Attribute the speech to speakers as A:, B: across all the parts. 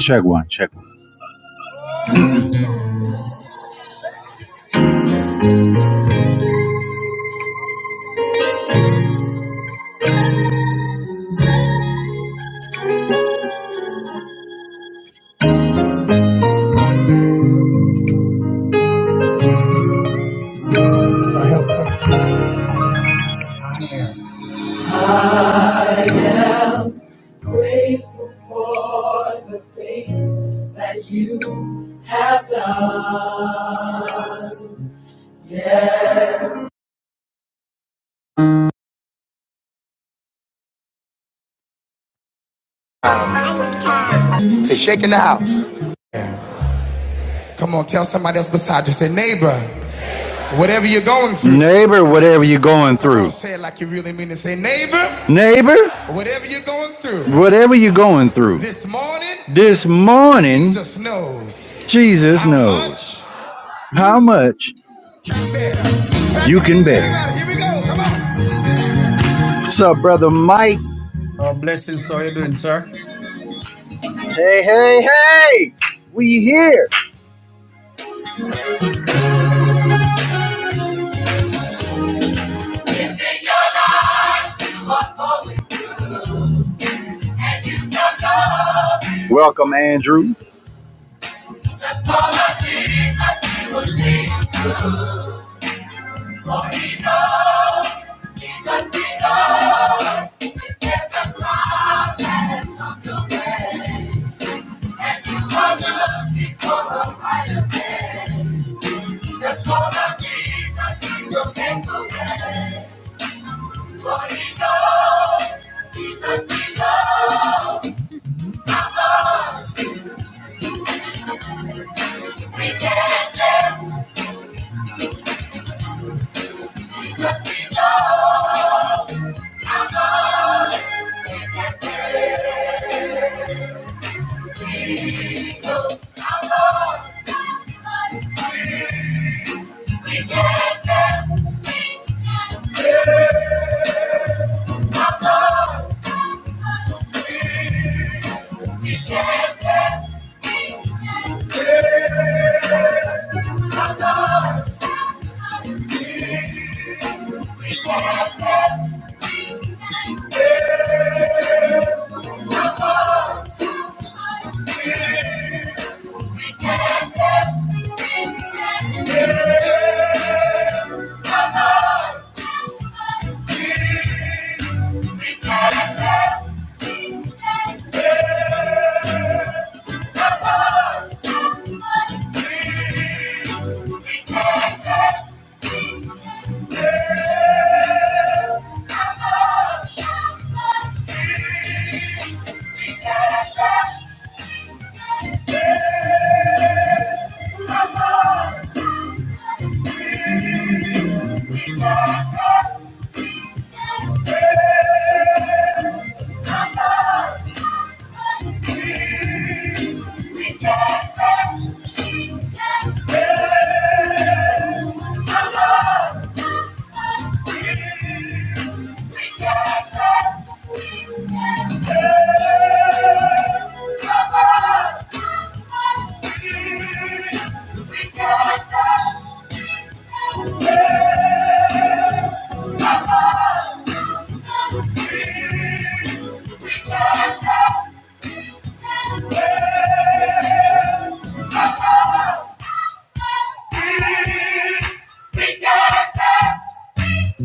A: Check one, check one. Lord, help Grateful for the things that you have done. Say, shaking the house. Come on, tell somebody else beside you. Say, neighbor, whatever you're going through. Neighbor, whatever you're going through. say it like you really mean it. Say, neighbor, Neighbor, whatever you're going through. whatever you're going through. This morning, This morning, Jesus knows Jesus how knows much how you much can bear. you can bear. Here we go. Come on. What's up, brother Mike?
B: Uh, blessings. How you doing, sir?
A: Hey, hey, hey! We here. Welcome, Andrew. We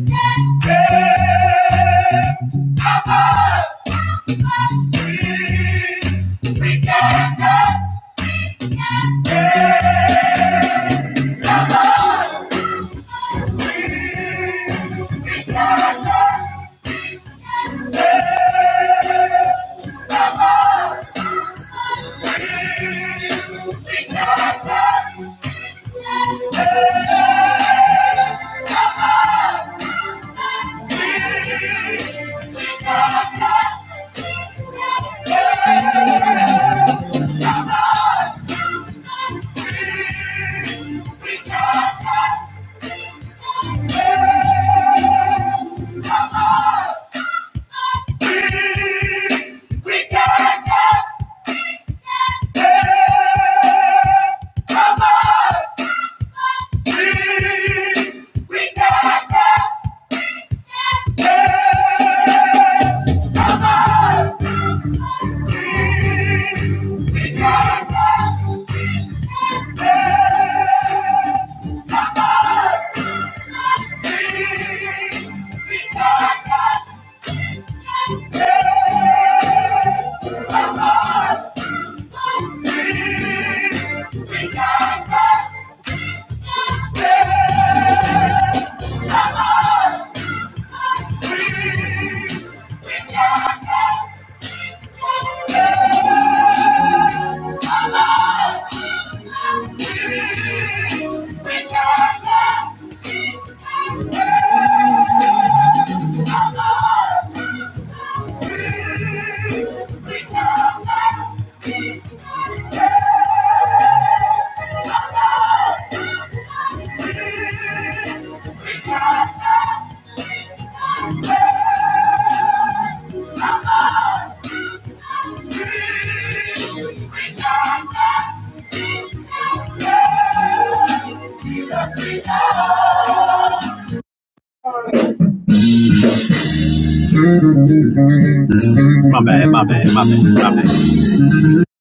A: got that. We Yeah! My bad, my bad, my bad, my bad.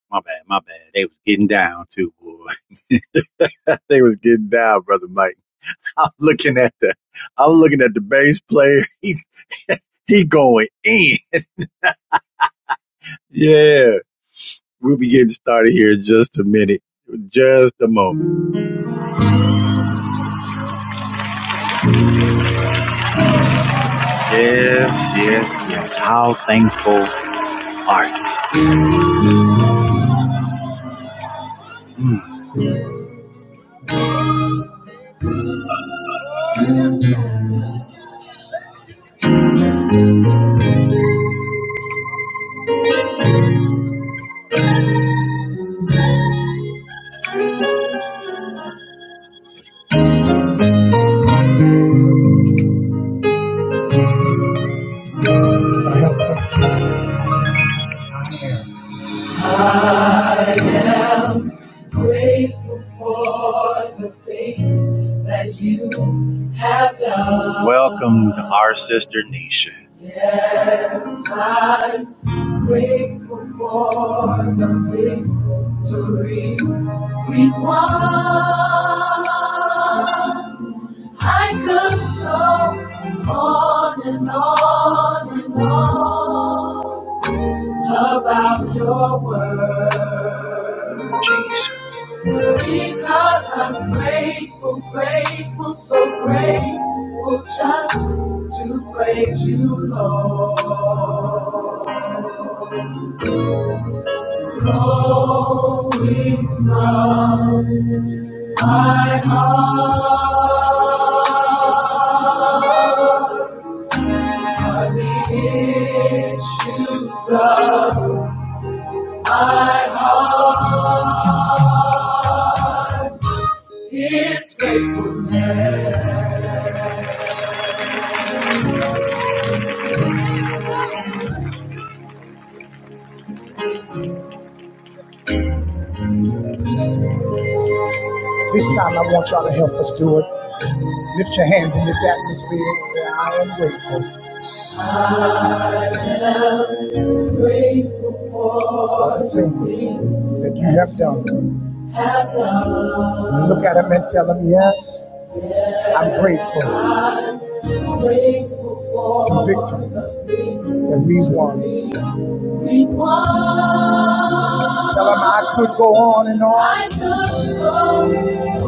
A: My bad, my bad. They was getting down too, boy. they was getting down, brother Mike. I'm looking at the, I'm looking at the bass player. He he going in. Yeah, we'll be getting started here in just a minute, just a moment. Yes, yes, yes. How thankful are you? I am grateful for the things that you have done. Welcome to our sister Nisha. Yes, I'm grateful for the victories we won. I could go on and on and on about your word. Jesus. Because I'm grateful, grateful, so grateful just to praise you, Lord. Flowing from my heart are the issues of my heart. It's This time I want y'all to help us do it. Lift your hands in this atmosphere and say, I am grateful Grateful for the things that you have done. Have done. Look at them and tell them, yes, yes I'm grateful I'm grateful for the victories that we won. Tell them I could go on and on. I could go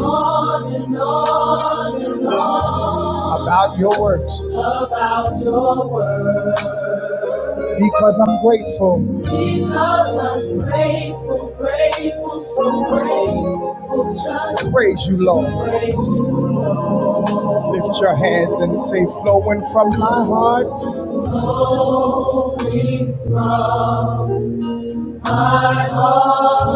A: on and on and on. About your works. About your works. Because I'm grateful. Because I'm grateful, grateful, so grateful. Just to praise you, Lord. to Praise you, Lord. Lift your hands and say, flowing from my heart my my heart,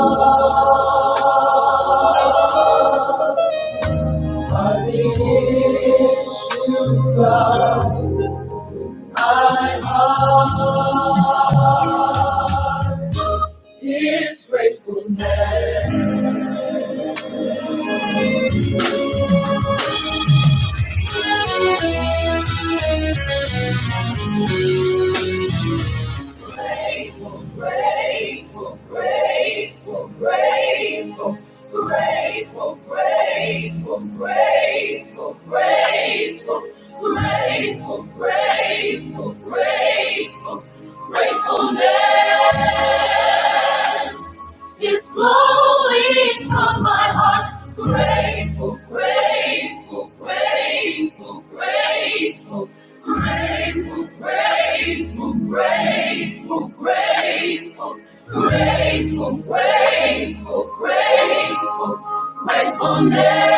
A: I lift you up. My heart. Is grateful, grateful, grateful, grateful, grateful, grateful, grateful, grateful, grateful, grateful, grateful, gratefulness. is flowing from my heart. Grateful, grateful, grateful, grateful, grateful, grateful, grateful, grateful, grateful, grateful, grateful, gratefulness.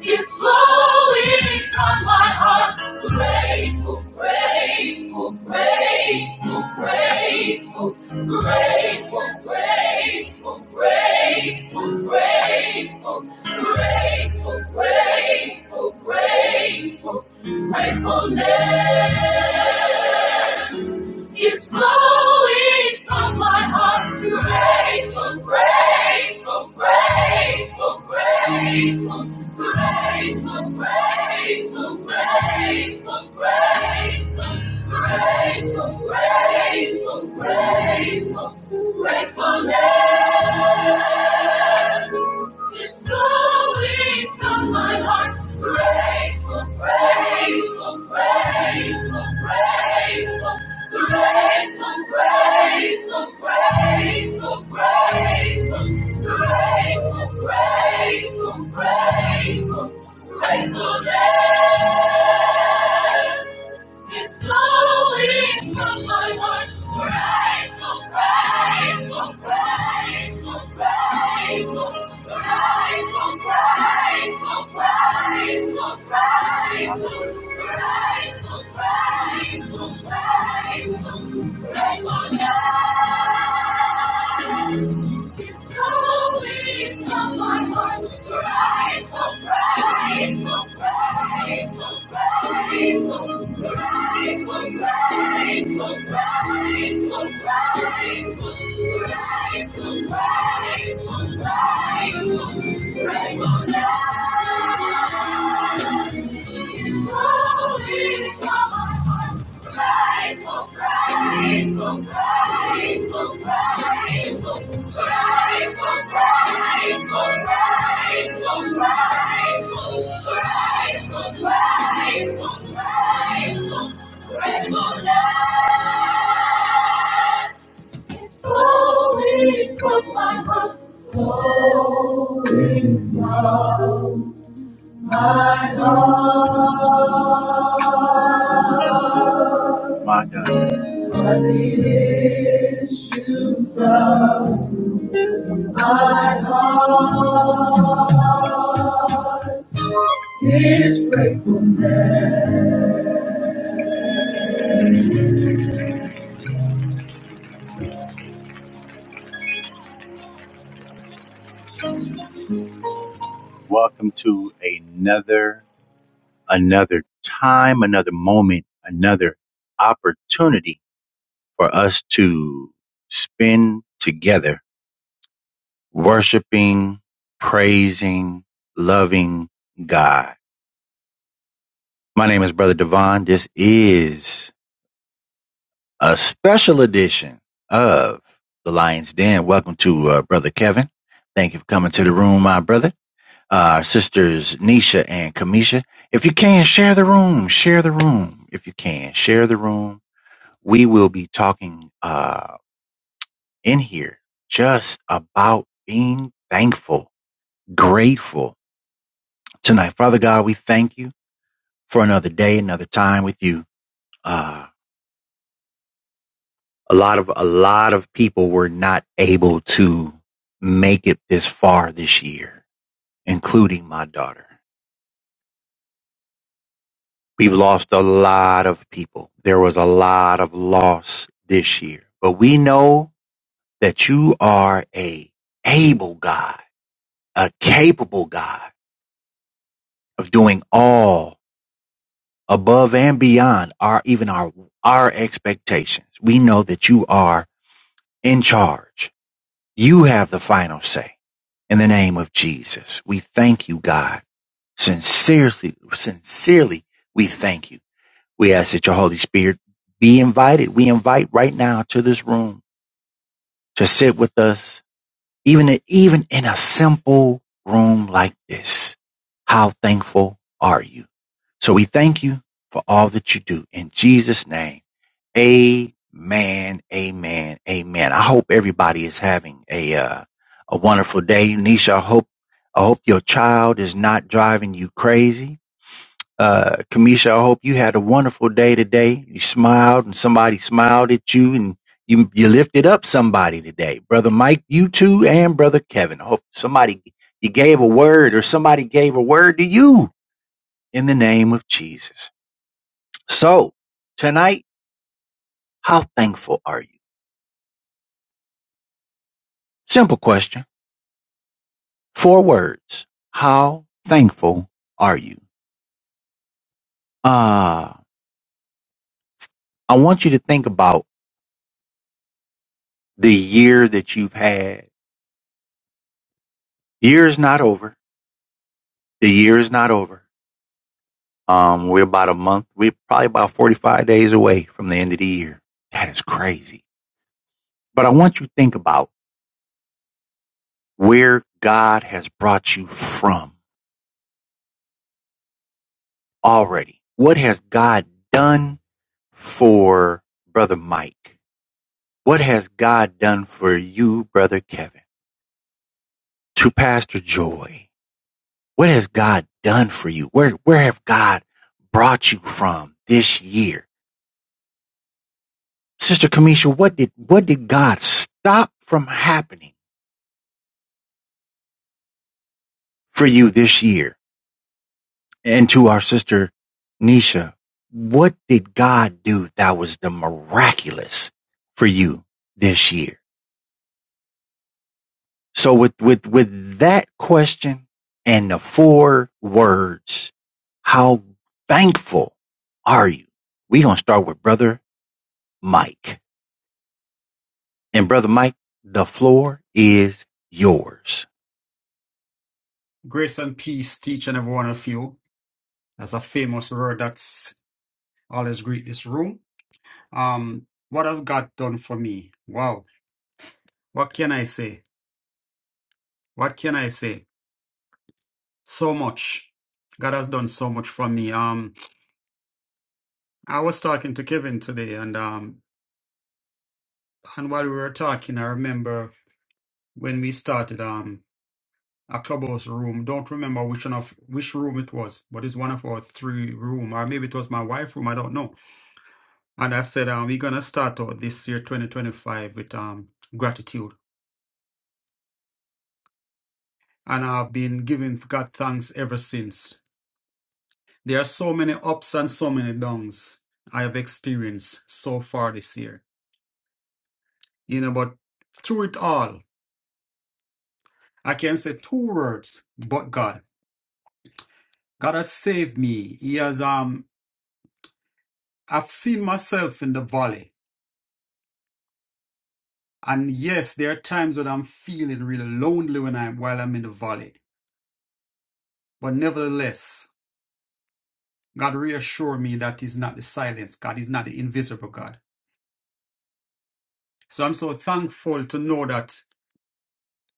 A: It's flowing from my heart. Grateful, grateful, grateful, grateful, grateful, grateful, grateful, grateful, grateful, grateful, grateful, gratefulness is flowing from my heart. Grateful, grateful, grateful, grateful, grateful, grateful, grateful, grateful, grateful, grateful, gratefulness. is flowing from my heart. Grateful, grateful, grateful, grateful. Grateful, grateful, grateful, grateful, grateful, grateful, grateful, gratefulness is flowing from my heart. Grateful, grateful, grateful, grateful, grateful, grateful, grateful, grateful, grateful. It's flowing from my heart, flowing from my heart. My God. Are the issues of my heart. is gratefulness. Welcome to another, another time, another moment, another opportunity for us to spend together worshiping, praising, loving God. My name is Brother Devon. This is a special edition of The Lion's Den. Welcome to uh, Brother Kevin. Thank you for coming to the room, my brother. Uh, our uh, sisters Nisha and Kamisha. If you can, share the room. Share the room. If you can, share the room. We will be talking. uh, in here just about being thankful, grateful tonight. Father God, we thank you for another day, another time with you. Uh, a lot of, a lot of people were not able to make it this far this year, including my daughter. We've lost a lot of people. There was a lot of loss this year, but we know that you are a able God, a capable God of doing all above and beyond our even our our expectations. We know that you are in charge. You have the final say. In the name of Jesus, we thank you, God. Sincerely, sincerely, we thank you. We ask that your Holy Spirit be invited. We invite right now to this room to sit with us, even even in a simple room like this. How thankful are you? So we thank you for all that you do in Jesus' name. Amen. Amen. Amen. I hope everybody is having a uh, a wonderful day, Nisha. I hope I hope your child is not driving you crazy. Uh, Kamisha, I hope you had a wonderful day today. You smiled and somebody smiled at you and you, you lifted up somebody today. Brother Mike, you too, and Brother Kevin. I hope somebody, you gave a word or somebody gave a word to you in the name of Jesus. So tonight, how thankful are you? Simple question. Four words. How thankful are you? Uh, I want you to think about the year that you've had. The Year is not over. The year is not over. Um, we're about a month. We're probably about 45 days away from the end of the year. That is crazy. But I want you to think about where God has brought you from already. What has God done for Brother Mike? What has God done for you, Brother Kevin? to Pastor Joy. What has God done for you? Where where have God brought you from this year? Sister Kamisha, what did what did God stop from happening for you this year? And to our sister Nisha, what did God do that was the miraculous for you this year? So with with with that question and the four words, how thankful are you? We're gonna start with brother Mike. And Brother Mike, the floor is yours.
B: Grace and peace to each and every one of you. That's a famous word that's always greet this room. Um, what has God done for me? Wow. What can I say? What can I say? So much. God has done so much for me. Um, I was talking to Kevin today, and um, and while we were talking, I remember when we started um a clubhouse room. Don't remember which one of which room it was, but it's one of our three room, or maybe it was my wife room. I don't know. And I said, um, we're gonna start out this year, 2025, with um gratitude. And I've been giving God thanks ever since. There are so many ups and so many downs I have experienced so far this year. You know, but through it all, I can say two words, but God. God has saved me. He has um I've seen myself in the valley. And yes, there are times when I'm feeling really lonely when I'm while I'm in the valley. But nevertheless, God reassure me that He's not the silence God, He's not the invisible God. So I'm so thankful to know that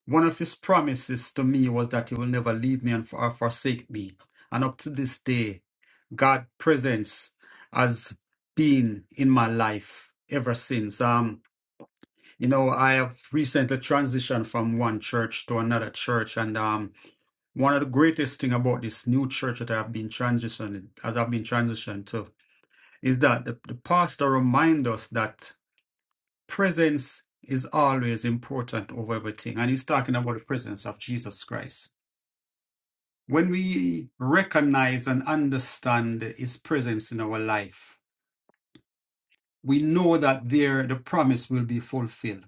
B: one of His promises to me was that He will never leave me and for, or forsake me. And up to this day, God' presence has been in my life ever since. Um, you know, I have recently transitioned from one church to another church, and um, one of the greatest thing about this new church that I've been transitioned, as I've been transitioned to. is that the, the pastor reminds us that presence is always important over everything. And he's talking about the presence of Jesus Christ. When we recognize and understand his presence in our life, we know that there the promise will be fulfilled.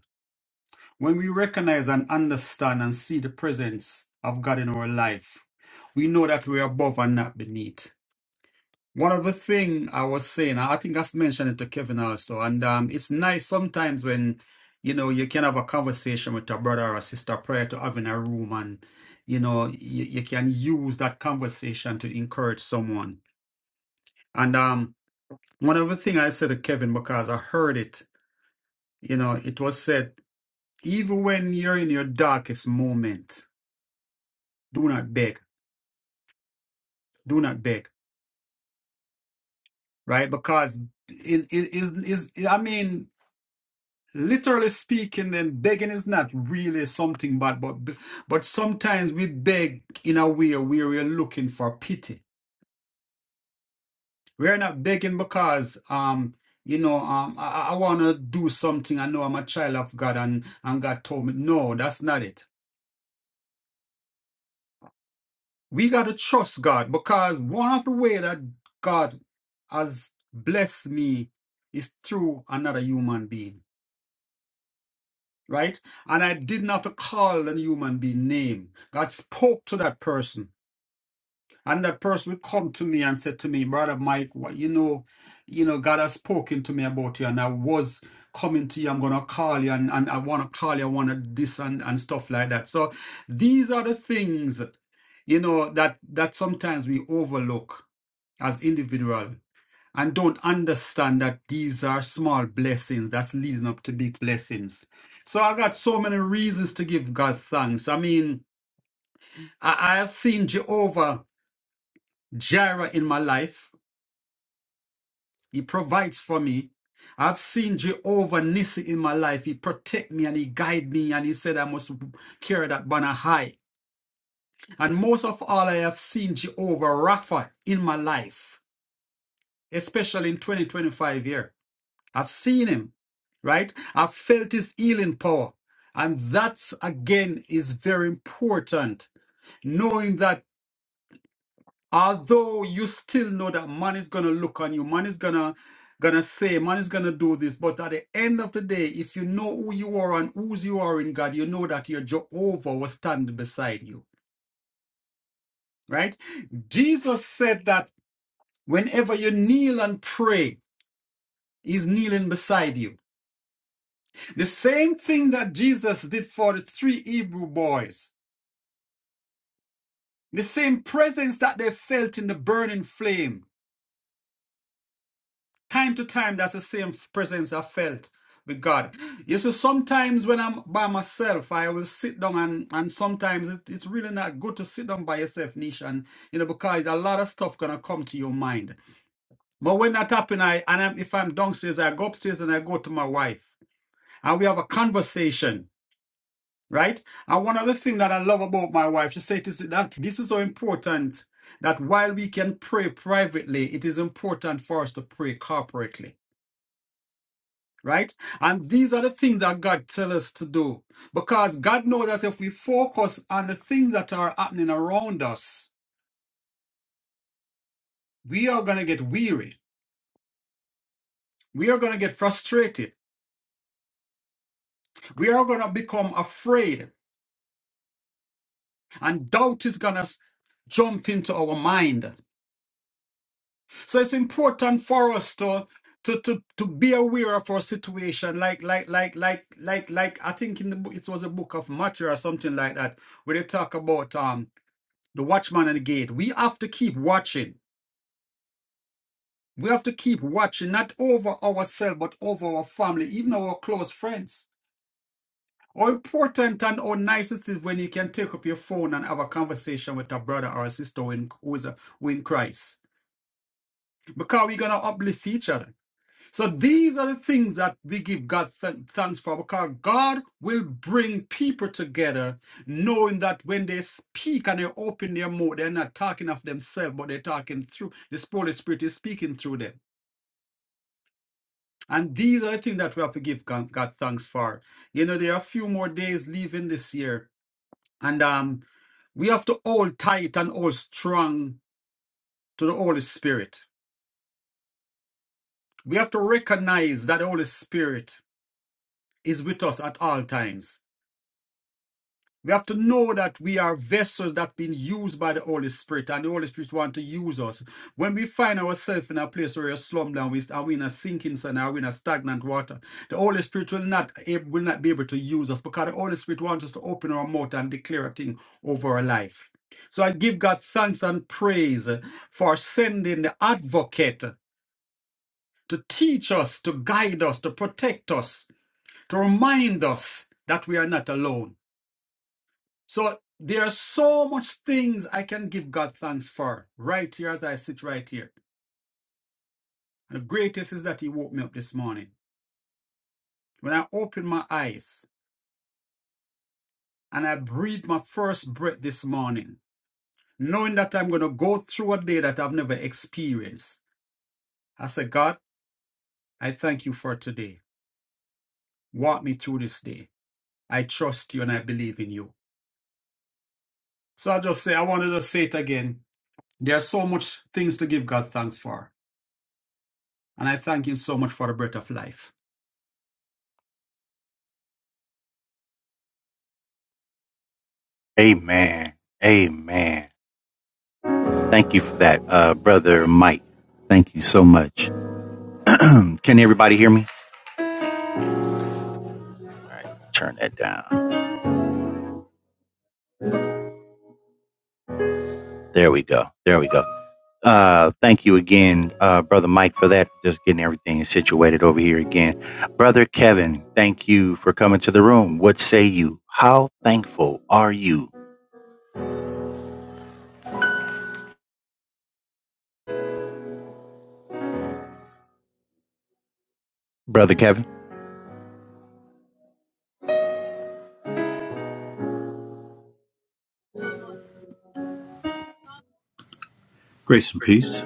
B: When we recognize and understand and see the presence of God in our life, we know that we are above and not beneath One of the thing I was saying, I I think I've mentioned it to Kevin also, and um, it's nice sometimes when you know you can have a conversation with a brother or a sister prior to having a room, and you know you, you can use that conversation to encourage someone. And um, one of the thing I said to Kevin because I heard it, you know, it was said, even when you're in your darkest moment, do not beg, do not beg, right? Because it is is I mean. literally speaking then begging is not really something bad but but sometimes we beg in a way where we're looking for pity we're not begging because um you know um i, I want to do something i know i'm a child of god and and god told me no that's not it we got to trust god because one of the way that god has blessed me is through another human being right? And I didn't have to call the human being name. God spoke to that person. And that person would come to me and said to me, Brother Mike, what you know, you know, God has spoken to me about you and I was coming to you, I'm gonna call you and, and I wanna call you, I wanna this and, and stuff like that. So these are the things, you know, that that sometimes we overlook as individual and don't understand that these are small blessings that's leading up to big blessings. So I got so many reasons to give God thanks. I mean, I, I have seen Jehovah Jireh in my life. He provides for me. I've seen Jehovah Nissi in my life. He protect me and he guide me and he said I must carry that banner high. And most of all, I have seen Jehovah Rapha in my life, especially in 2025 year. I've seen him, right? I've felt his healing power. And that again is very important. Knowing that although you still know that man is gonna look on you, man is gonna gonna say, man is gonna do this, but at the end of the day, if you know who you are and whose you are in God, you know that your Jehovah will stand beside you. Right? Jesus said that whenever you kneel and pray, he's kneeling beside you The same thing that Jesus did for the three Hebrew boys. The same presence that they felt in the burning flame. Time to time, that's the same presence I felt with God. You see, sometimes when I'm by myself, I will sit down and, and sometimes it, it's really not good to sit down by yourself, Nish, and you know, because a lot of stuff gonna come to your mind. But when that happen, I and I'm, if I'm downstairs, I go upstairs and I go to my wife and we have a conversation right? And one other thing that I love about my wife, she said is that this is so important that while we can pray privately, it is important for us to pray corporately. Right? And these are the things that God tells us to do. Because God knows that if we focus on the things that are happening around us, we are going to get weary. We are going to get frustrated. We are going to become afraid. And doubt is going to jump into our mind. So it's important for us to to to to be aware of our situation. Like like like like like like I think in the book it was a book of Matthew or something like that, where they talk about um the watchman and the gate. We have to keep watching. We have to keep watching, not over ourselves, but over our family, even our close friends. How important and how nice it is when you can take up your phone and have a conversation with a brother or a sister who in, who is a, who in Christ. Because we're going to uplift each other So these are the things that we give God th- thanks for because God will bring people together knowing that when they speak and they open their mouth, they're not talking of themselves, but they're talking through the Holy Spirit is speaking through them. And these are the things that we have to give God, God thanks for. You know, there are a few more days leaving this year, and um, we have to hold tight and hold strong to the Holy Spirit. We have to recognize that the Holy Spirit is with us at all times We have to know that we are vessels that been used by the Holy Spirit, and the Holy Spirit want to use us. When we find ourselves in a place where we're slummed down, we are we in a sinking sand, are we in a stagnant water? The Holy Spirit will not ab- will not be able to use us because the Holy Spirit wants us to open our mouth and declare a thing over our life. So I give God thanks and praise for sending the Advocate to teach us, to guide us, to protect us, to remind us that we are not alone so there are so much things I can give God thanks for right here as I sit right here. And the greatest is that He woke me up this morning. When I opened my eyes and I breathed my first breath this morning, knowing that I'm going to go through a day that I've never experienced, I said, God, I thank you for today. Walk me through this day. I trust you and I believe in you. So I just say, I wanted to say it again. There are so much things to give God thanks for. And I thank Him so much for the breath of life.
A: Amen. Amen. Thank you for that, uh, Brother Mike. Thank you so much. Can everybody hear me? Turn that down. There we go. There we go. Uh, thank you again, uh, Brother Mike, for that. Just getting everything situated over here again. Brother Kevin, thank you for coming to the room. What say you? How thankful are you, Brother Kevin?
C: Grace and peace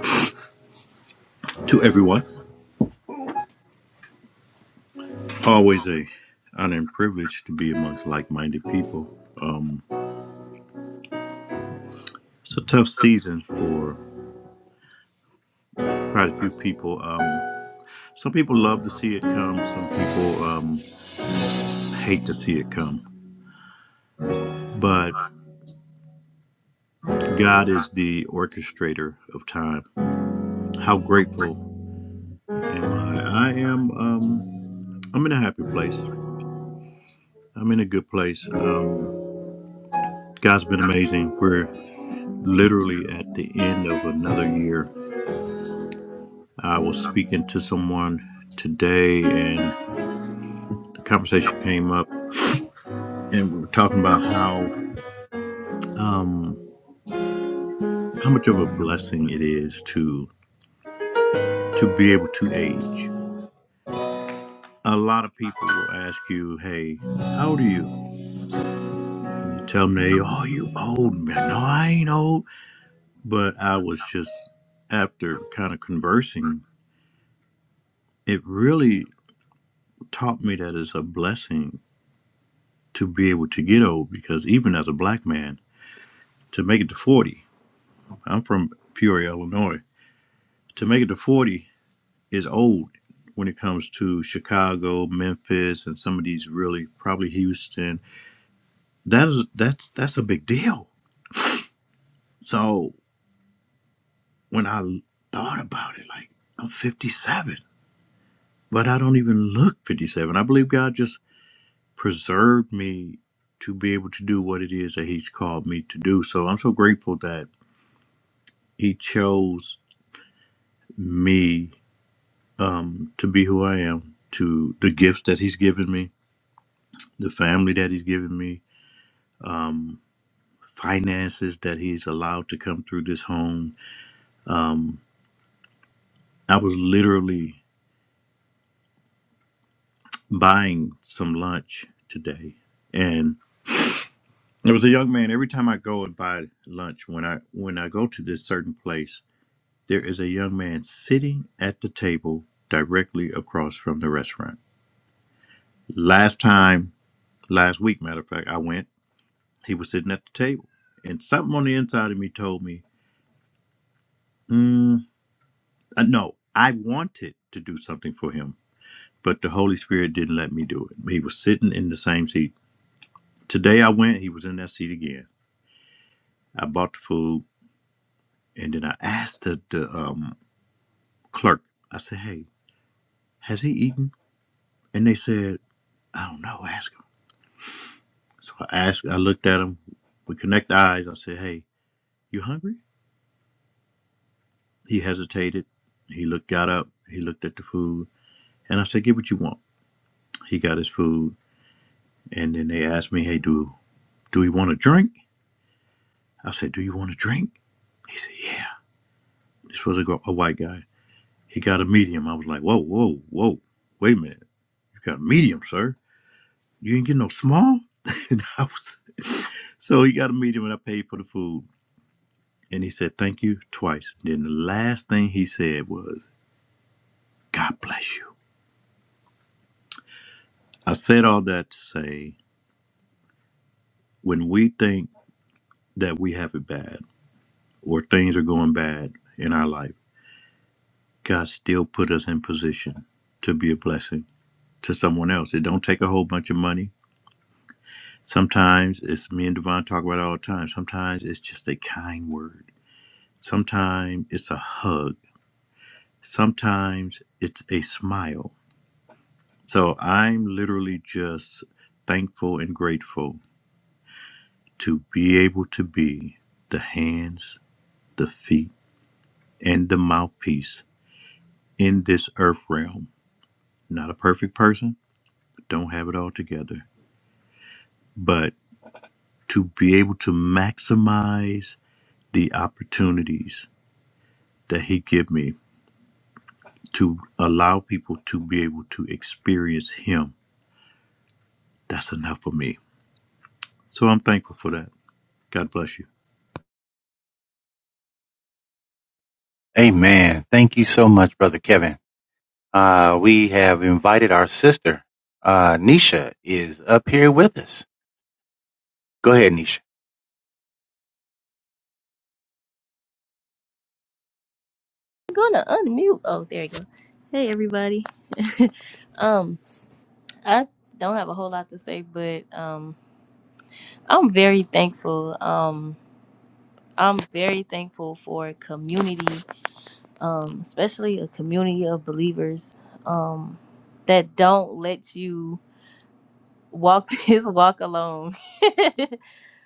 C: to everyone. Always a honor and privilege to be amongst like-minded people. It's a tough season for quite a few people. Um, some people love to see it come. Some people um, hate to see it come. But God is the orchestrator of time. How grateful am I? I am. Um, I'm in a happy place. I'm in a good place. Um, God's been amazing. We're literally at the end of another year I was speaking to someone today, and the conversation came up, and we were talking about how um, how much of a blessing it is to to be able to age. A lot of people will ask you, "Hey, how old are you?" And you tell them, "They, oh, you old man." No, I ain't old, but I was just after kind of conversing. It really taught me that it's a blessing to be able to get old because even as a black man, to make it to forty I'm from Peoria, Illinois. To make it to 40 is old when it comes to Chicago, Memphis, and some of these really probably Houston. That is that's that's a big deal. So when I thought about it, like I'm 57, but I don't even look 57. I believe God just preserved me to be able to do what it is that He's called me to do. So I'm so grateful that He chose me um, to be who I am, to the gifts that He's given me the family that he's given me, finances that he's allowed to come through this home. I was literally buying some lunch today and there was a young man every time I go and buy lunch when I when I go to this certain place, there is a young man sitting at the table directly across from the restaurant. Last time, last week matter of fact, I went, he was sitting at the table and something on the inside of me told me, mm, uh, no, I wanted to do something for him but the Holy Spirit didn't let me do it. He was sitting in the same seat. Today I went, he was in that seat again. I bought the food, and then I asked the, the um, clerk, I said, hey, has he eaten? And they said, I don't know, ask him. So I asked, I looked at him. We connect eyes. I said, hey, you hungry? He hesitated. He looked, got up. He looked at the food. And I said, get what you want. He got his food. And then they asked me, hey, do, do you want a drink? I said, do you want a drink? He said, yeah. This was a, a white guy. He got a medium. I was like, whoa, whoa, whoa, wait a minute. You got a medium, sir. You ain't get no small. and I was, so he got a medium and I paid for the food. And he said, thank you twice. Then the last thing he said was, God bless you. I said all that to say, when we think that we have it bad or things are going bad in our life, God still put us in position to be a blessing to someone else. It don't take a whole bunch of money. Sometimes it's me and Devon talk about it all the time. Sometimes it's just a kind word. Sometimes it's a hug. Sometimes it's a smile. So I'm literally just thankful and grateful to be able to be the hands, the feet, and the mouthpiece in this earth realm. Not a perfect person, don't have it all together, but to be able to maximize the opportunities that he give me to allow people to be able to experience him. That's enough for me. So I'm thankful for that. God bless you.
A: Amen. Thank you so much, Brother Kevin. Uh, we have invited our sister. Uh, Nisha is up here with us. Go ahead, Nisha.
D: I'm gonna unmute. Oh, there you go. Hey, everybody. um, I don't have a whole lot to say, but um, I'm very thankful. Um, I'm very thankful for community, um, especially a community of believers, um, that don't let you walk this walk alone.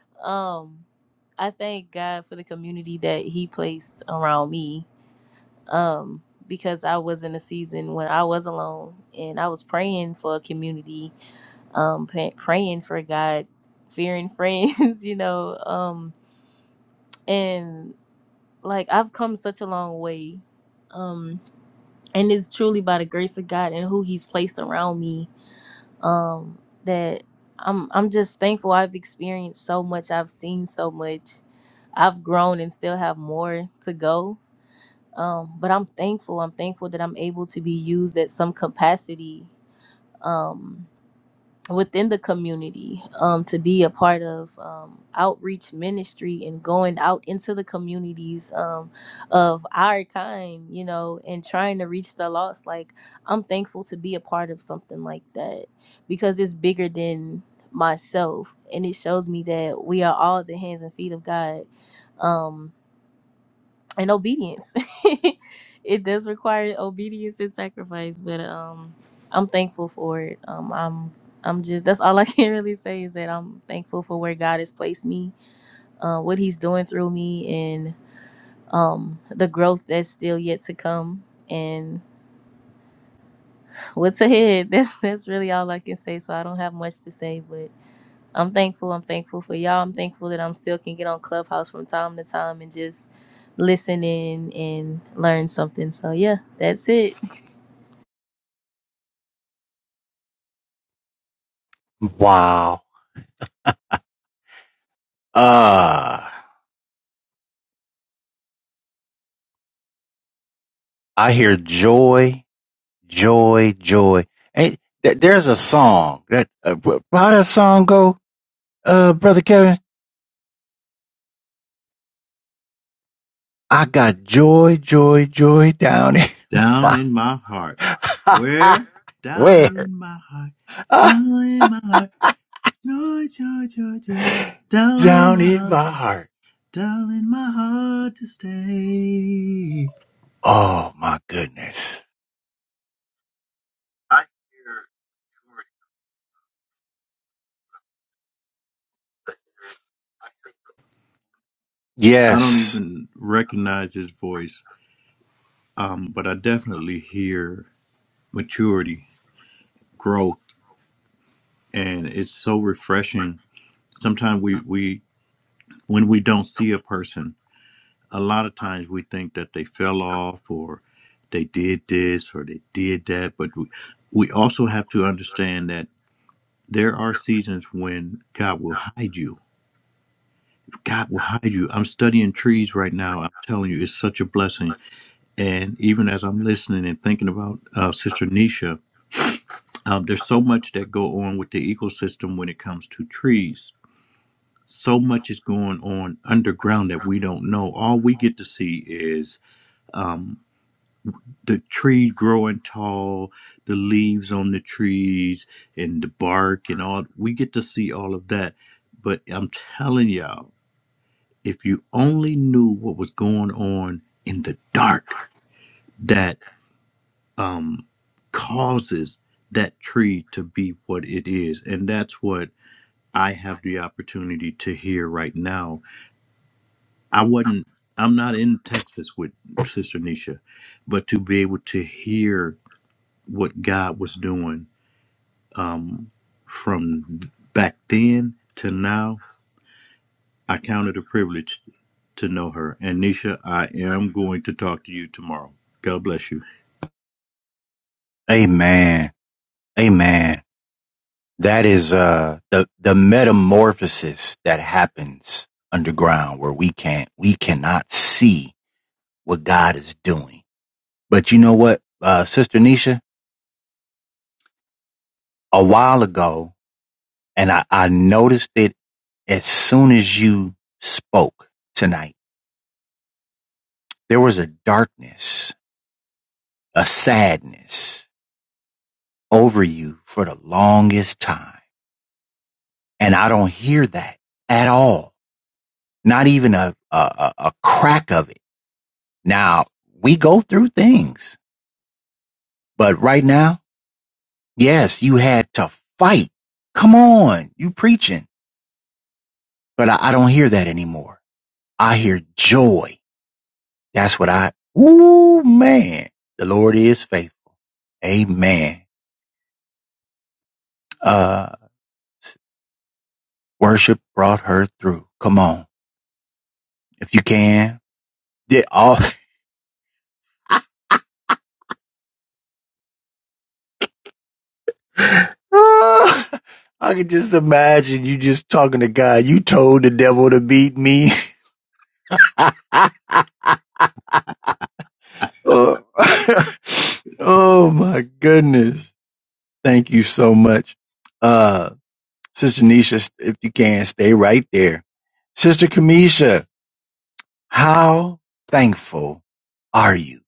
D: um, I thank God for the community that He placed around me um, because I was in a season when I was alone and I was praying for a community, um, pa- praying for God, fearing friends, you know, um, and like I've come such a long way, um, and it's truly by the grace of God and who He's placed around me um, that I'm I'm just thankful. I've experienced so much. I've seen so much. I've grown and still have more to go um, but I'm thankful. I'm thankful that I'm able to be used at some capacity um, within the community um, to be a part of um, outreach ministry and going out into the communities um, of our kind, you know, and trying to reach the lost. Like, I'm thankful to be a part of something like that because it's bigger than myself and it shows me that we are all the hands and feet of God. Um, and obedience. it does require obedience and sacrifice, but um, I'm thankful for it. Um, I'm I'm just that's all I can really say is that I'm thankful for where God has placed me, uh, what He's doing through me, and um, the growth that's still yet to come, and what's ahead. That's that's really all I can say. So I don't have much to say, I'm thankful. I'm thankful for y'all. I'm thankful that I'm still can get on Clubhouse from time to time and just listen in and learn something. So yeah, that's it.
A: Wow. Uh, I hear joy, joy, joy. Hey, th- there's a song that, uh, how that song go, uh, brother Kevin? I got joy, joy, joy down in,
C: Down in my heart. Where? Down
A: where?
C: in my heart.
A: Ah,
C: Down in my heart. Joy, joy, joy, joy. Down in
A: down
C: my
A: in
C: heart.
A: my heart.
C: Down in my heart to stay.
A: Oh my goodness.
C: I don't
A: Yes.
C: even recognize his voice, um, but I definitely hear maturity, growth, and it's so refreshing. Sometimes we, we when we don't see a person, a lot of times we think that they fell off or they did this or they did that. But we, we also have to understand that there are seasons when God will hide you. God will hide you. I'm studying trees right now. I'm telling you, it's such a blessing. And even as I'm listening and thinking about uh, Sister Nisha, um, there's so much that go on with the ecosystem when it comes to trees. So much is going on underground that we don't know. All we get to see is um, the tree growing tall, the leaves on the trees, and the bark and all. We get to see all of that. But I'm telling y'all, if you only knew what was going on in the dark that um, causes that tree to be what it is. And that's what I have the opportunity to hear right now. I wasn't, I'm not in Texas with Sister Nisha, but to be able to hear what God was doing um, from back then to now. I count it a privilege to know her. And Nisha, I am going to talk to you tomorrow. God bless you.
A: Amen. Amen. That is uh the the metamorphosis that happens underground where we can't we cannot see what God is doing. But you know what, uh Sister Nisha, a while ago, and I, I noticed it as soon as you spoke tonight, there was a darkness, a sadness over you for the longest time. And I don't hear that at all. Not even a a, a a crack of it Now, we go through things, but right now, yes, you had to fight. Come on, you preaching. But I, I don't hear that anymore. I hear joy. That's what I, ooh, man. The Lord is faithful. Amen. Uh, worship brought her through. Come on. If you can, did all, I can just imagine you just talking to God. You told the devil to beat me. oh, oh my goodness. Thank you so much. Uh, Sister Nisha, if you can, stay right there. Sister Kamisha, how thankful are you?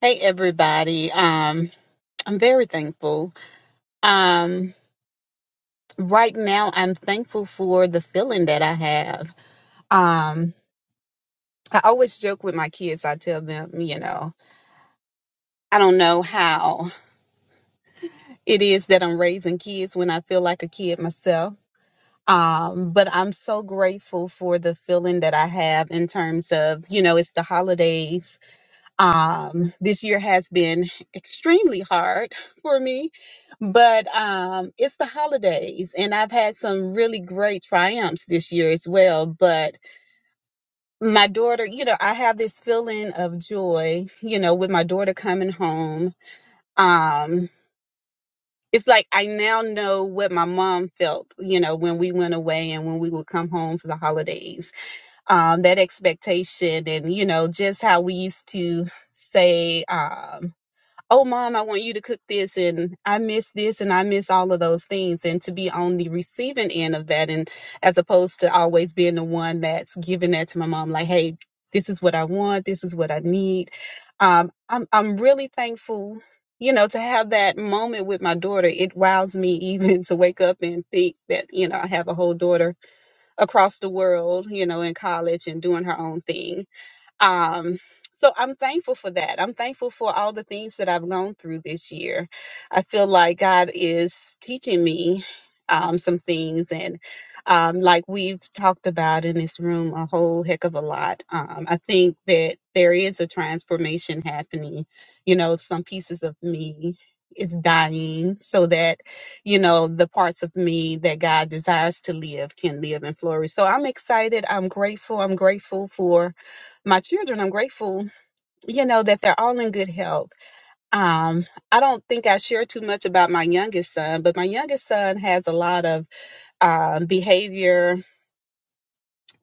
E: Hey everybody. Um I'm very thankful. Um right now I'm thankful for the feeling that I have. Um I always joke with my kids. I tell them, you know, I don't know how it is that I'm raising kids when I feel like a kid myself. Um but I'm so grateful for the feeling that I have in terms of, you know, it's the holidays Um, this year has been extremely hard for me, but um, it's the holidays, and I've had some really great triumphs this year as well. But my daughter, you know, I have this feeling of joy, you know, with my daughter coming home. Um, it's like I now know what my mom felt, you know, when we went away and when we would come home for the holidays. Um, that expectation, and you know, just how we used to say, um, oh mom i want you to cook this and i miss this and i miss all of those things and to be on the receiving end of that and as opposed to always being the one that's giving that to my mom like hey this is what i want this is what i need um, I'm, I'm really thankful you know to have that moment with my daughter it wows me even to wake up and think that you know i have a whole daughter across the world you know in college and doing her own thing um, so I'm thankful for that. I'm thankful for all the things that I've gone through this year. I feel like God is teaching me um, some things, and um, like we've talked about in this room a whole heck of a lot. Um, I think that there is a transformation happening. You know, some pieces of me is dying so that you know the parts of me that God desires to live can live and flourish. So I'm excited. I'm grateful. I'm grateful for my children, I'm grateful, you know, that they're all in good health. Um, I don't think I share too much about my youngest son, but my youngest son has a lot of um, behavior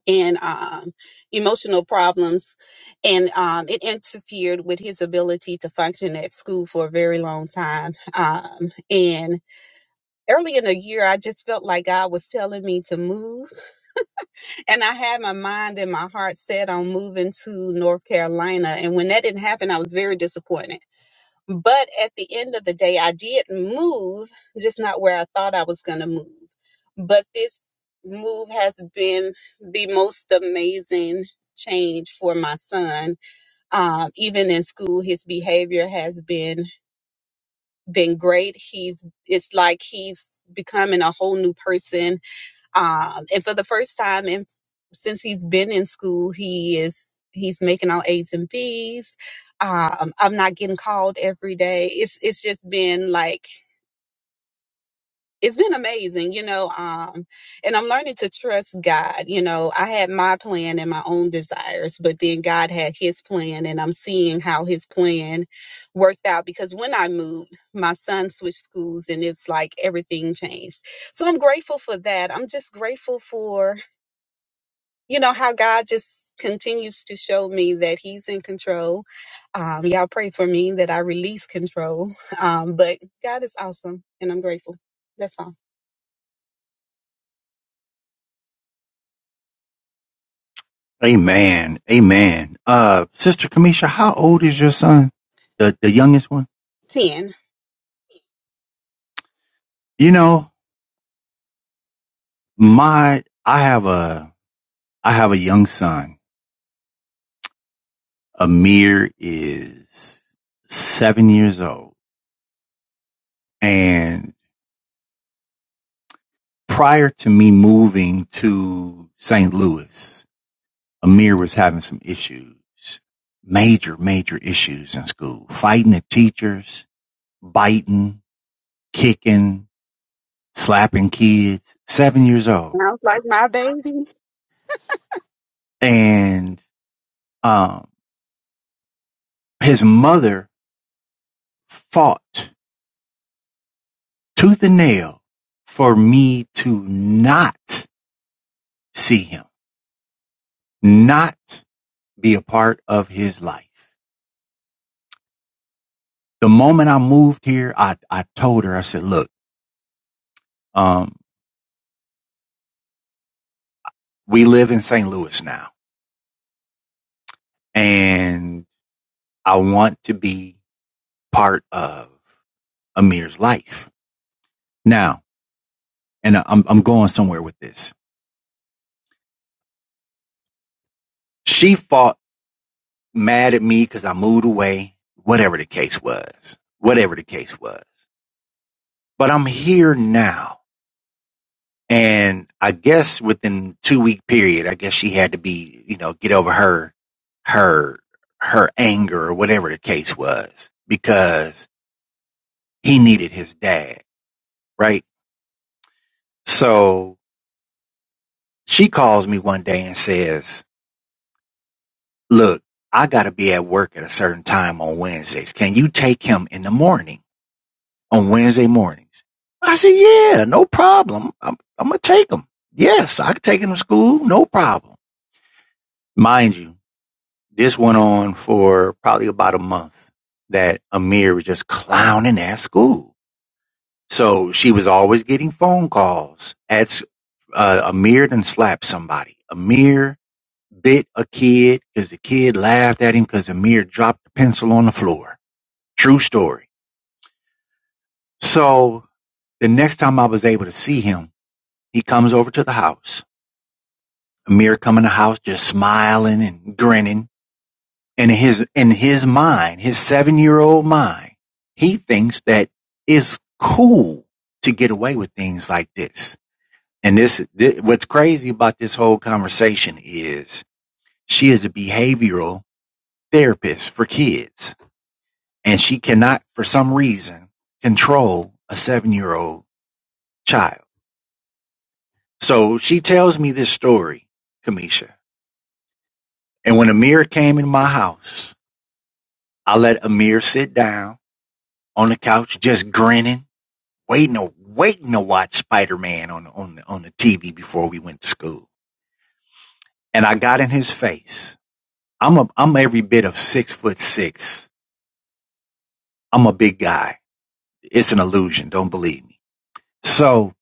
E: and um, emotional problems, and um, it interfered with his ability to function at school for a very long time. Um, and early in the year, I just felt like God was telling me to move, and I had my mind and my heart set on moving to North Carolina. And when that didn't happen, I was very disappointed But at the end of the day, I did move, just not where I thought I was going to move. But this move has been the most amazing change for my son. Um, even in school, his behavior has been been great. He's it's like he's becoming a whole new person um, and for the first time in since he's been in school he is he's making all a's and b's um, i'm not getting called every day it's it's just been like it's been amazing you know um, and i'm learning to trust god you know i had my plan and my own desires but then god had his plan and i'm seeing how his plan worked out because when i moved my son switched schools and it's like everything changed so i'm grateful for that i'm just grateful for you know how God just continues to show me that He's in control. Um, y'all pray for me that I release control. Um, but God is awesome, and I'm grateful. That's all.
A: Amen. Amen. Uh, Sister Kamisha, how old is your son? The, the youngest one?
E: Ten.
A: You know, my, I have a, I have a young son. Amir is seven years old and prior to me moving to St. Louis, Amir was having some issues, major, major issues in school, fighting the teachers, biting, kicking, slapping kids, seven years old.
E: Sounds like my baby.
A: And, um, his mother fought tooth and nail for me to not see him, not be a part of his life. The moment I moved here, I, I told her, I said, look, Um, we live in St. Louis now, and I want to be part of Amir's life now. And I- am I'm going somewhere with this. She fought mad at me because I moved away. Whatever the case was, whatever the case was. But I'm here now, and I guess within two week period, I guess she had to be, you know, get over her her her anger or whatever the case was because he needed his dad right? So she calls me one day and says, Look, I got to be at work at a certain time on Wednesdays. Can you take him in the morning on Wednesday mornings? I said, Yeah, no problem. I'm, I'm going to take him. Yes, I could take him to school, no problem. Mind you, this went on for probably about a month that Amir was just clowning at school. So she was always getting phone calls at s- uh, Amir then slapped somebody. Amir bit a kid because the kid laughed at him because Amir dropped the pencil on the floor. True story. So the next time I was able to see him, he comes over to the house. Amir come in the house just smiling and grinning. And in his in his mind, his seven year old mind, he thinks that it's cool to get away with things like this. And this, this what's crazy about this whole conversation is she is a behavioral therapist for kids and she cannot, for some reason, control a seven year old child. So she tells me this story, Kamisha. And when Amir came in my house, I let Amir sit down on the couch, just grinning, waiting to, waiting to watch Spider Man on, the, on, the, on the TV before we went to school. And I got in his face. I'm a, I'm every bit of six foot six. I'm a big guy. It's an illusion. Don't believe me. So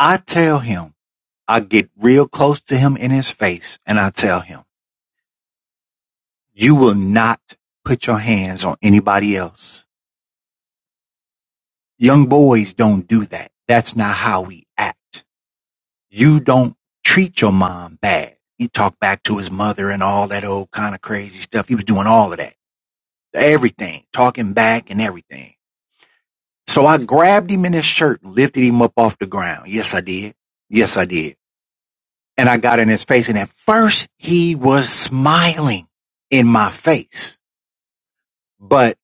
A: I tell him, I get real close to him in his face and I tell him, you will not put your hands on anybody else. Young boys don't do that. That's not how we act. You don't treat your mom bad. He talked back to his mother and all that old kind of crazy stuff. He was doing all of that. Everything, talking back and everything. So I grabbed him in his shirt and lifted him up off the ground. Yes, I did. Yes, I did. And I got in his face and at first he was smiling in my face. But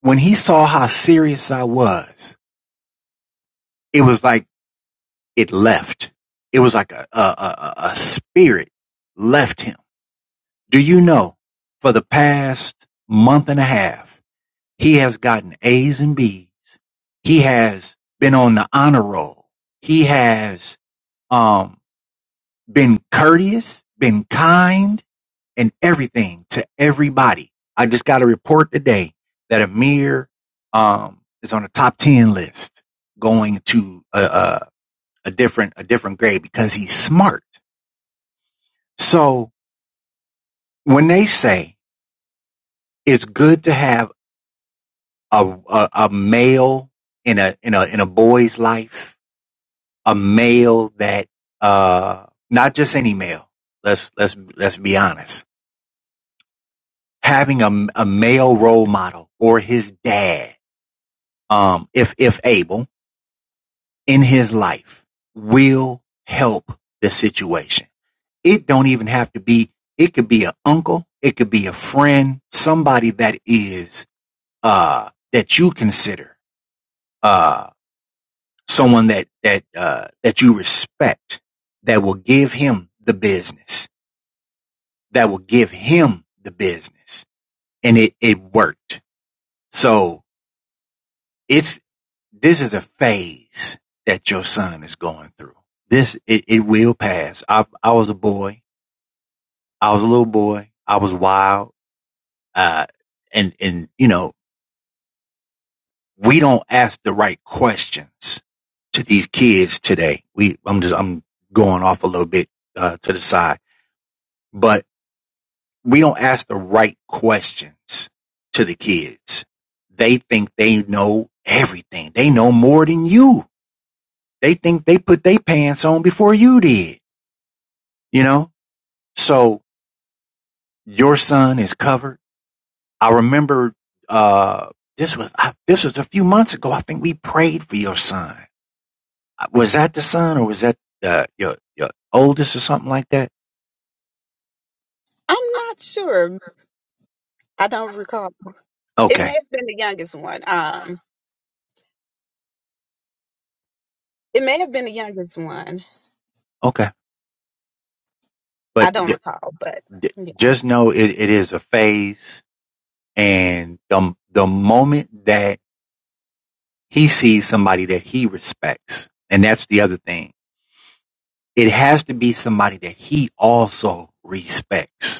A: when he saw how serious I was, it was like it left. It was like a, a, a, a spirit left him. Do you know for the past month and a half, he has gotten A's and B's. He has been on the honor roll. He has, um, been courteous, been kind and everything to everybody. I just got a report today that Amir um, is on a top ten list, going to a, a, a different a different grade because he's smart. So when they say it's good to have a a, a male in a in a in a boy's life, a male that uh, not just any male. Let's let's let's be honest. Having a, a male role model or his dad um, if, if able in his life will help the situation. It don't even have to be, it could be an uncle. It could be a friend, somebody that is, uh, that you consider, uh, someone that, that, uh, that you respect that will give him the business, that will give him the business. And it, it worked. So it's, this is a phase that your son is going through. This it, it will pass. I I was a boy. I was a little boy. I was wild. Uh, and and you know we don't ask the right questions to these kids today. We I'm just I'm going off a little bit uh, to the side, but we don't ask the right questions to the kids. They think they know everything. They know more than you. They think they put their pants on before you did you know? So your son is covered. I remember, uh, this was, I, this was a few months ago. I think we prayed for your son. Was that the son or was that, uh, your, your oldest or something like that?
E: I'm not sure. I don't recall. It
A: Okay.
E: may have been the youngest one. Um, it may have been the youngest one.
A: Okay.
E: I
A: But
E: don't
A: d-
E: recall, but
A: d-
E: yeah.
A: just know it, it is a phase and the, the moment that he sees somebody that he respects, and that's the other thing. It has to be somebody that he also respects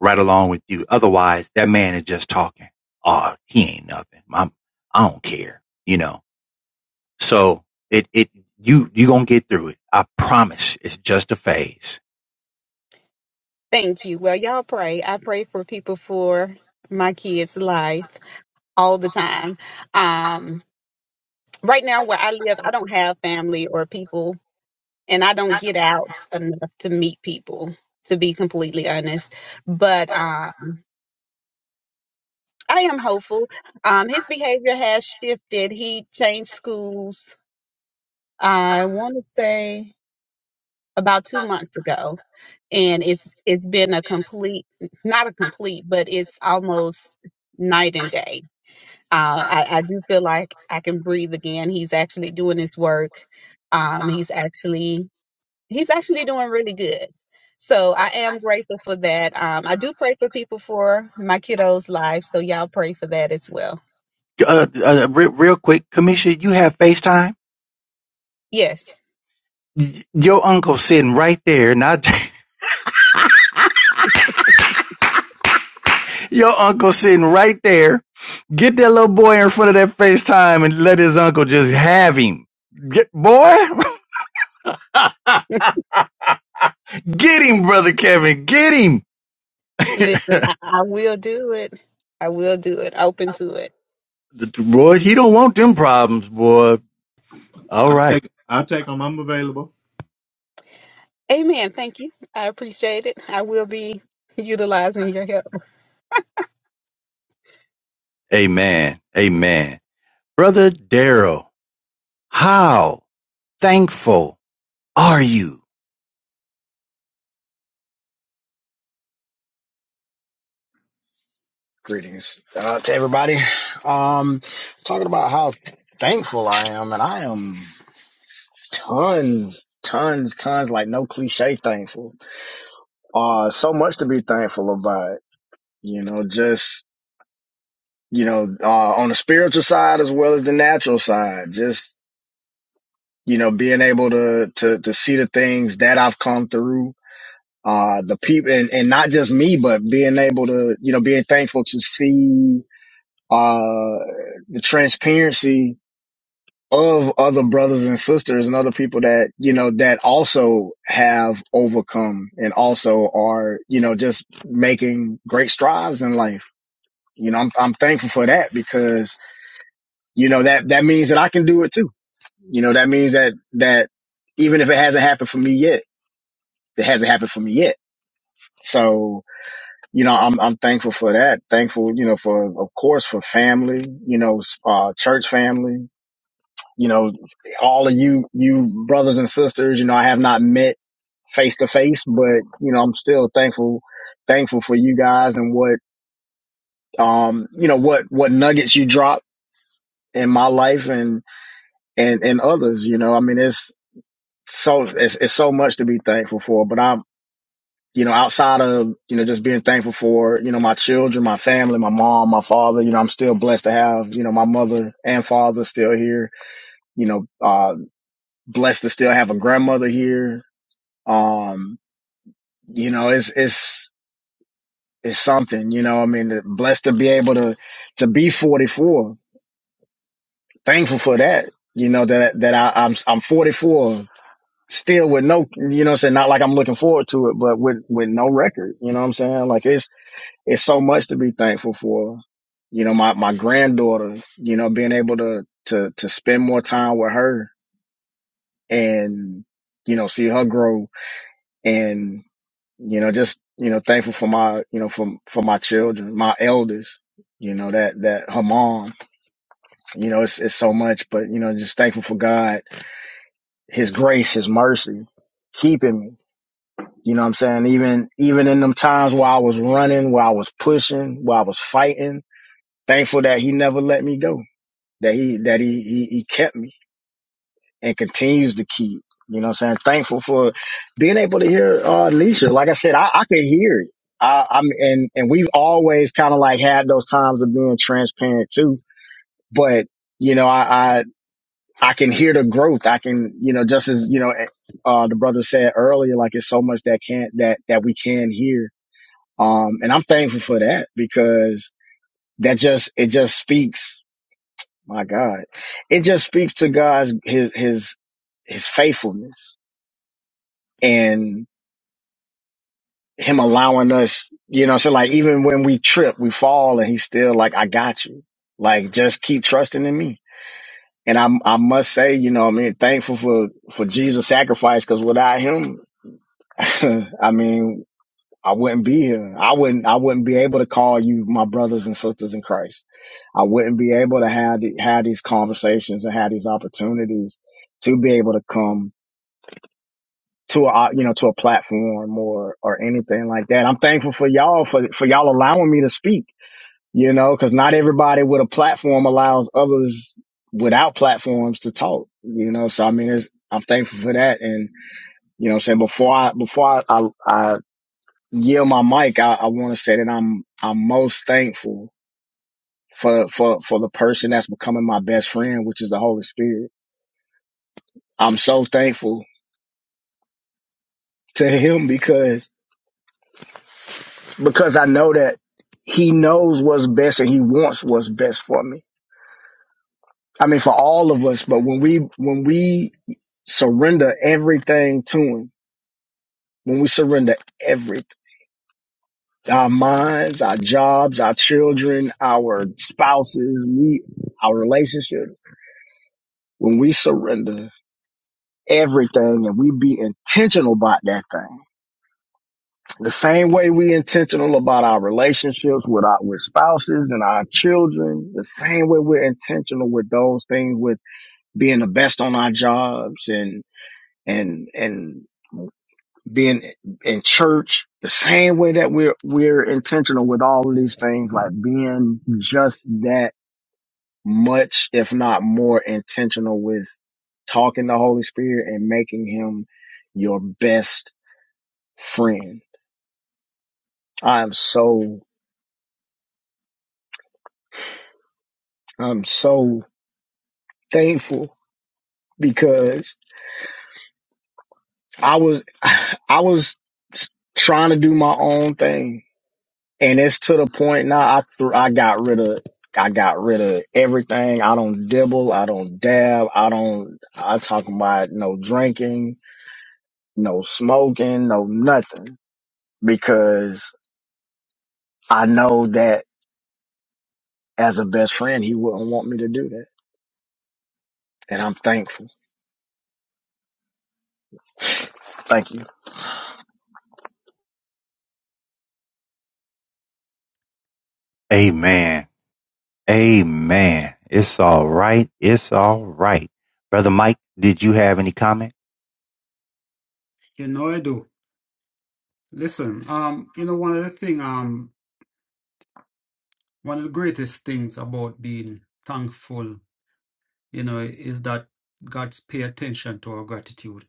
A: right along with you. Otherwise, that man is just talking. Oh, he ain't nothing. I'm, I don't care. You know. So it it you you gonna get through it. I promise. It's just a phase.
E: Thank you. Well, y'all pray. I pray for people for my kids' life all the time. Um, right now where I live, I don't have family or people, and I don't get out enough to meet people. To be completely honest, but uh, I am hopeful. Um, his behavior has shifted. He changed schools. I want to say about two months ago, and it's it's been a complete, not a complete, but it's almost night and day. Uh, I, I do feel like I can breathe again. He's actually doing his work. Um, he's actually he's actually doing really good. So I am grateful for that. Um, I do pray for people for my kiddos' lives, so y'all pray for that as well.
A: Uh, uh, re- real quick, Commissioner, you have FaceTime.
E: Yes,
A: Your uncle sitting right there. Not your uncle sitting right there. Get that little boy in front of that FaceTime and let his uncle just have him. Get, boy, get him, brother Kevin. Get him.
E: listen, I, I will do it. I will do it. Open to it.
A: The- Boy, he don't want them problems, boy. All
C: I'll
A: right.
C: take I'll take them. I'm available.
E: Amen. Thank you. I appreciate it. I will be utilizing your help.
A: Amen. Amen. Brother Daryl, how thankful are you?
F: Greetings uh, to everybody. Um, talking about how thankful I am, and I am tons, tons, tons, like no cliche thankful. Uh, so much to be thankful about. You know, just you know, uh, on the spiritual side as well as the natural side. Just you know, being able to to to see the things that I've come through. Uh, the people, and, and not just me, but being able to, you know, being thankful to see, uh, the transparency of other brothers and sisters and other people that, you know, that also have overcome and also are, you know, just making great strides in life. You know, I'm, I'm thankful for that because, you know, that, that means that I can do it too. You know, that means that, that even if it hasn't happened for me yet, it hasn't happened for me yet. So, you know, I'm, I'm thankful for that. Thankful, you know, for, of course, for family, you know, uh, church family, You know, all of you, you brothers and sisters, you know, I have not met face to face, but you know, I'm still thankful, thankful for you guys and what, um, you know, what, what nuggets you drop in my life and, and, and others, you know, I mean, it's so, it's, it's so much to be thankful for, but I'm, you know, outside of, you know, just being thankful for, you know, my children, my family, my mom, my father, you know, I'm still blessed to have, you know, my mother and father still here, you know, uh, blessed to still have a grandmother here, um you know it's it's it's something you know i mean blessed to be able to to be 44 thankful for that you know that that I, i'm i'm 44 still with no you know what i'm saying not like i'm looking forward to it but with with no record you know what i'm saying like it's it's so much to be thankful for you know my my granddaughter you know being able to to to spend more time with her and you know see her grow and you know, just you know, thankful for my you know for for my children, my elders. You know that that her mom. You know, it's it's so much, but you know, just thankful for God, His grace, His mercy, keeping me. You know what I'm saying? Even even in them times where I was running, where I was pushing, where I was fighting, thankful that He never let me go. That He that He He, he kept me and continues to keep. You know what I'm saying? Thankful for being able to hear uh Nisha. Like I said, I, I can hear it. I, I'm and and we've always kind of like had those times of being transparent too. But you know, I, I I can hear the growth. I can, you know, just as you know, eh, uh the brother said earlier, like it's so much that can't that that we can hear. Um, and I'm thankful for that because that just it just speaks. My God, it just speaks to God's his his his faithfulness and him allowing us, you know, so like even when we trip, we fall and he's still like, I got you. Like just keep trusting in me. And I I must say, you know, I mean, thankful for for Jesus' sacrifice because without him, I mean, I wouldn't be here. I wouldn't I wouldn't be able to call you my brothers and sisters in Christ. I wouldn't be able to have the, have these conversations and have these opportunities to be able to come to a you know to a platform or or anything like that. I'm thankful for y'all for for y'all allowing me to speak. You know, because not everybody with a platform allows others without platforms to talk. You know, so I mean, it's, I'm thankful for that. And you know, what I'm saying before I before I I, I yield my mic, I, I want to say that I'm I'm most thankful for for for the person that's becoming my best friend, which is the Holy Spirit. I'm so thankful to him because because I know that he knows what's best and he wants what's best for me. I mean, for all of us, but when we, when we surrender everything to him, when we surrender everything, our minds, our jobs, our children, our spouses, we, our relationships, when we surrender everything and we be intentional about that thing The same way we intentional about our relationships with our with spouses and our children, the same way we're intentional with those things with being the best on our jobs and and and being in church, the same way that we're we're intentional with all of these things, like being just that much, if not more, intentional with talking to Holy Spirit and making him your best friend. I'm so I'm so thankful because I was I was trying to do my own thing, and it's to the point now. I th- I got rid of I got rid of everything. I don't dibble. I don't dab. I don't. I talk about no drinking, no smoking, no nothing because I know that as a best friend, he wouldn't want me to do that, and I'm thankful. Thank you.
A: Amen. Amen. It's all right. It's all right. Brother Mike, did you have any comment?
B: You know I do. Listen, um, you know, one of the thing, um, one of the greatest things about being thankful, you know, is that God's pay attention to our gratitude,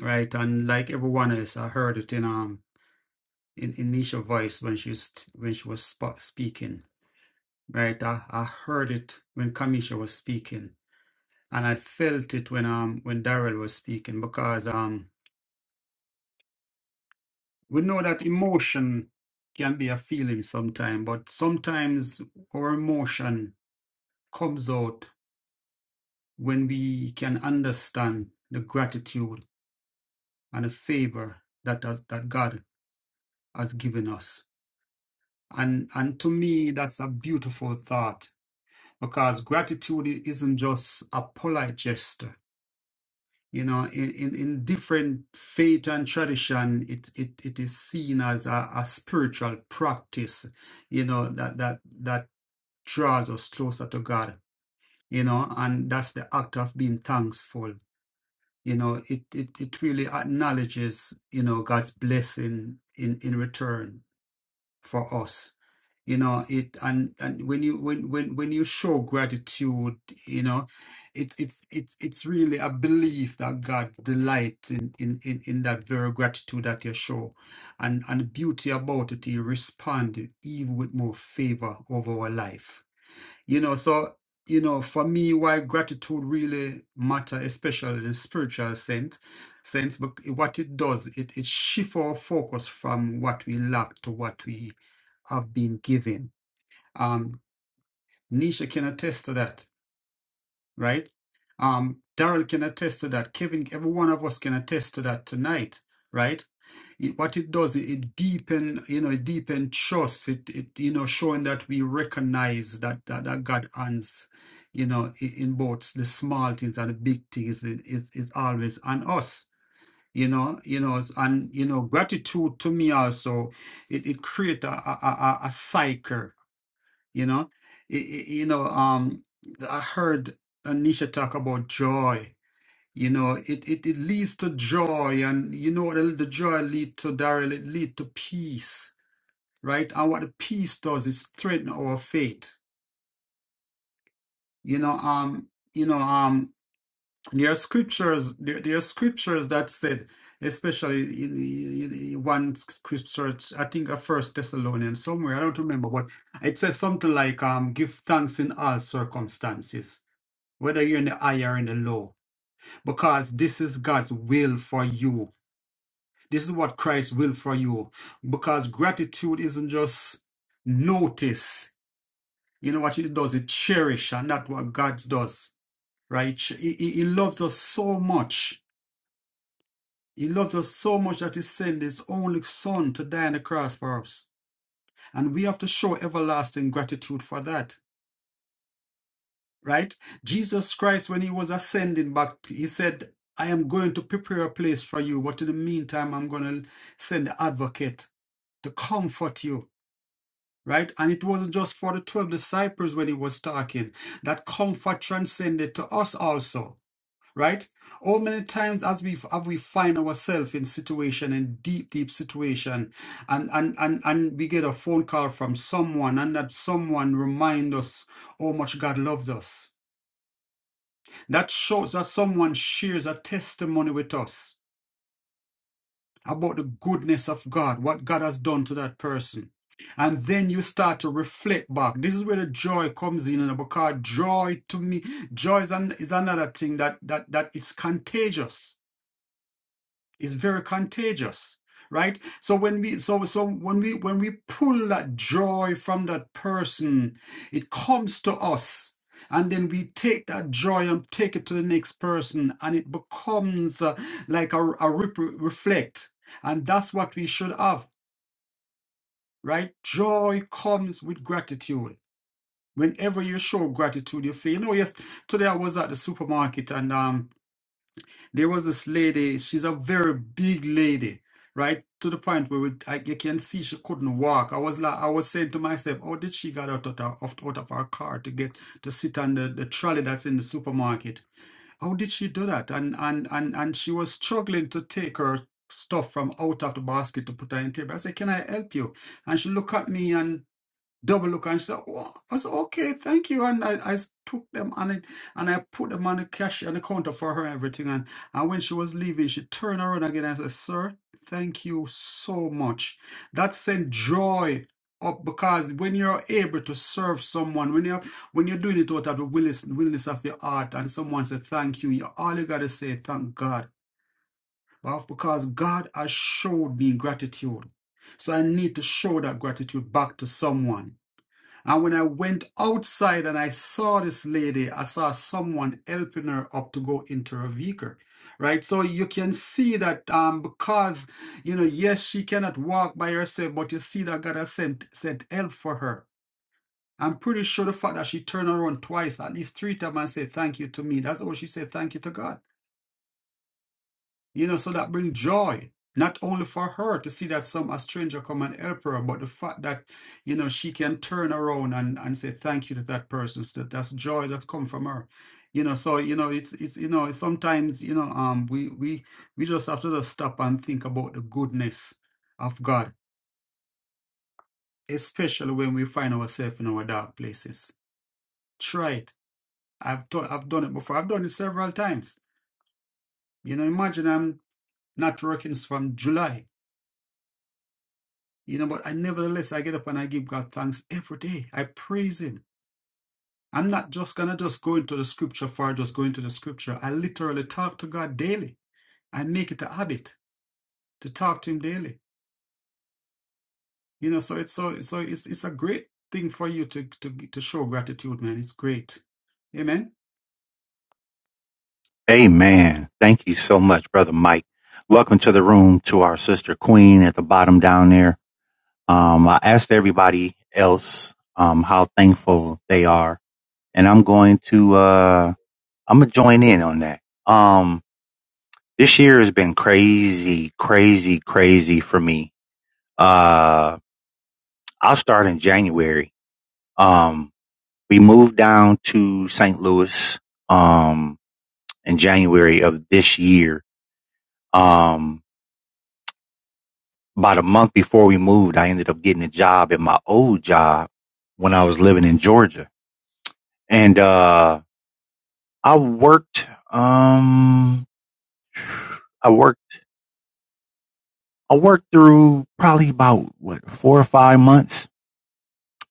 B: right? And like everyone else, I heard it in um in, in Nisha's voice when she was when she was sp speaking, right? I, I heard it when Kamisha was speaking, and I felt it when um when Daryl was speaking because um we know that emotion can be a feeling sometimes, but sometimes our emotion. comes out when we can understand the gratitude and the favor that has, that God has given us. And and to me, that's a beautiful thought because gratitude isn't just a polite gesture. You know, in, in, in different faith and tradition, it, it, it is seen as a, a spiritual practice, you know, that, that, that draws us closer to God, you know, and that's the act of being thankful you know it it, it really acknowledges you know god's blessing in in return for us you know it and and when you when when when you show gratitude you know it's it's it's it's really a belief that god delights in in in, in that very gratitude that you show and and the beauty about it he responded even with more favor over our life you know, so you know, for me, why gratitude really matter, especially in a spiritual sense, sense, but what it does, it it shifts our focus from what we lack to what we have been given. Um, Nisha can attest to that, right? Um, Daryl can attest to that. Kevin, every one of us can attest to that tonight, right? it, what it does it, it deepen you know it deepen trust it it you know showing that we recognize that that, that god hands you know in, in both the small things and the big things is is, is always on us you know you know s- and you know gratitude to me also it, it creates a, a, a, a cycle you know it, it- you know um i heard anisha talk about joy you know, it, it, it leads to joy, and you know what the, the joy lead to, Daryl? It lead to peace, right? And what the peace does is strengthen our faith. You know, um, you know, um, there are scriptures, there, there are scriptures that said, especially in, in, in one scripture, it's- I think a First Thessalonians somewhere, I don't remember, but it says something like, um, give thanks in all circumstances, whether you're in the high or in the low, because this is God's will for you This is what Christ will for you. Because gratitude isn't just notice. You know what it does? It cherish, and that's what God does, right? He, he, he loves us so much. He loved us so much that he sent his only son to die on the cross for us. And we have to show everlasting gratitude for that, right? Jesus Christ, when he was ascending back, he said, I am going to prepare a place for you, but in the meantime, I'm going to send the advocate to comfort you right? And it wasn't just for the 12 disciples when he was talking. That comfort transcended to us also, right? How many times as we have we find ourselves in situation in deep, deep situation, and and and and we get a phone call from someone, and that someone remind us how much God loves us. That shows that someone shares a testimony with us about the goodness of God, what God has done to that person. And then you start to reflect back. This is where the joy comes in, and because joy to me, joy is, an, is another thing that that that is contagious is very contagious, right? So when we so so when we when we pull that joy from that person, it comes to us. And then we take that joy and take it to the next person, and it becomes uh, like a, a ripple reflect. And that's what we should have, right? Joy comes with gratitude. Whenever you show gratitude, you feel, you know, yes, today I was at the supermarket and um there was this lady she's a very big lady right to the point where we, I, you can see she couldn't walk i was like i was saying to myself how did she get out of, the- of- out of her car to get to sit on the, the trolley that's in the supermarket how did she do that and and and, and she was struggling to take her stuff from out of the basket to put her in table i said can i help you and she looked at me double look and she said, oh, I said, okay, thank you. And I I took them and I, and I put them on the cash on the counter for her and everything. And, and when she was leaving, she turned around again and said, sir, thank you so much. That sent joy up because when you're able to serve someone, when you're, when you're doing it out of the willingness, willingness of your heart and someone said, thank you, you all you got to say, thank God. Well, because God has showed me gratitude. So I need to show that gratitude back to someone. And when I went outside and I saw this lady, I saw someone helping her up to go into her vehicle, right? So you can see that um, because, you know, yes, she cannot walk by herself, but you see that God has sent, sent help for her. I'm pretty sure the fact that she turned around twice, at least three times, and said thank you to me. That's what she said, thank you to God. You know, so that bring joy, not only for her to see that some a stranger come and help her, but the fact that, you know, she can turn around and, and say thank you to that person. So that, that's joy that's come from her. You know, so you know, it's it's you know, sometimes, you know, um we we we just have to just stop and think about the goodness of God, especially when we find ourselves in our dark places. Try it. I've done I've done it before. I've done it several times. You know, imagine I'm not working from July. You know, but I nevertheless I get up and I give God thanks every day. I praise Him. I'm not just gonna just go into the scripture for just going to the scripture. I literally talk to God daily. I make it a habit to talk to Him daily. You know, so it's so so it's it's a great thing for you to to to show gratitude, man. It's great. Amen.
A: Amen. Thank you so much, Brother Mike. Welcome to the room to our sister Queen at the bottom down there. Um, I asked everybody else um, how thankful they are, and I'm going to uh, I'm gonna join in on that. Um, This year has been crazy, crazy, crazy for me. Uh, I'll start in January. Um, we moved down to St. Louis, um, in January of this year. Um, about a month before we moved, I ended up getting a job at my old job when I was living in Georgia. And, uh, I worked, um, I worked, I worked through probably about what four or five months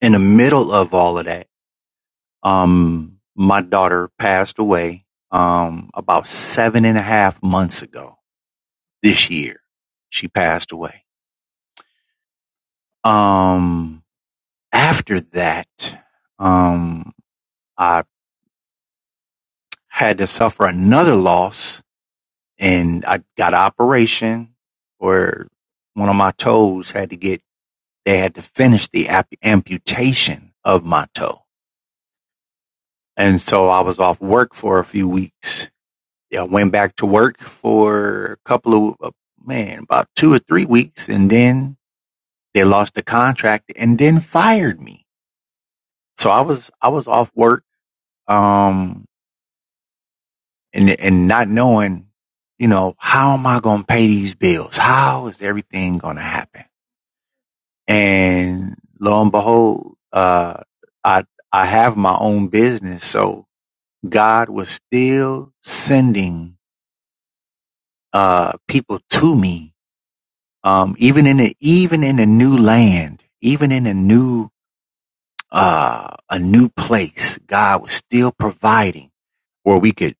A: in the middle of all of that. Um, my daughter passed away um, about seven and a half months ago this year. She passed away. Um, after that, um, I had to suffer another loss and I got an operation where one of my toes had to get, they had to finish the amputation of my toe. And so I was off work for a few weeks Yeah, I went back to work for a couple of uh, man, about two or three weeks, and then they lost the contract and then fired me. So I was I was off work, um, and and not knowing, you know, how am I going to pay these bills? How is everything going to happen? And lo and behold, uh, I I have my own business, so God was still sending uh people to me Um, even in the, even in a new land, even in a new, uh, a new place, God was still providing where we could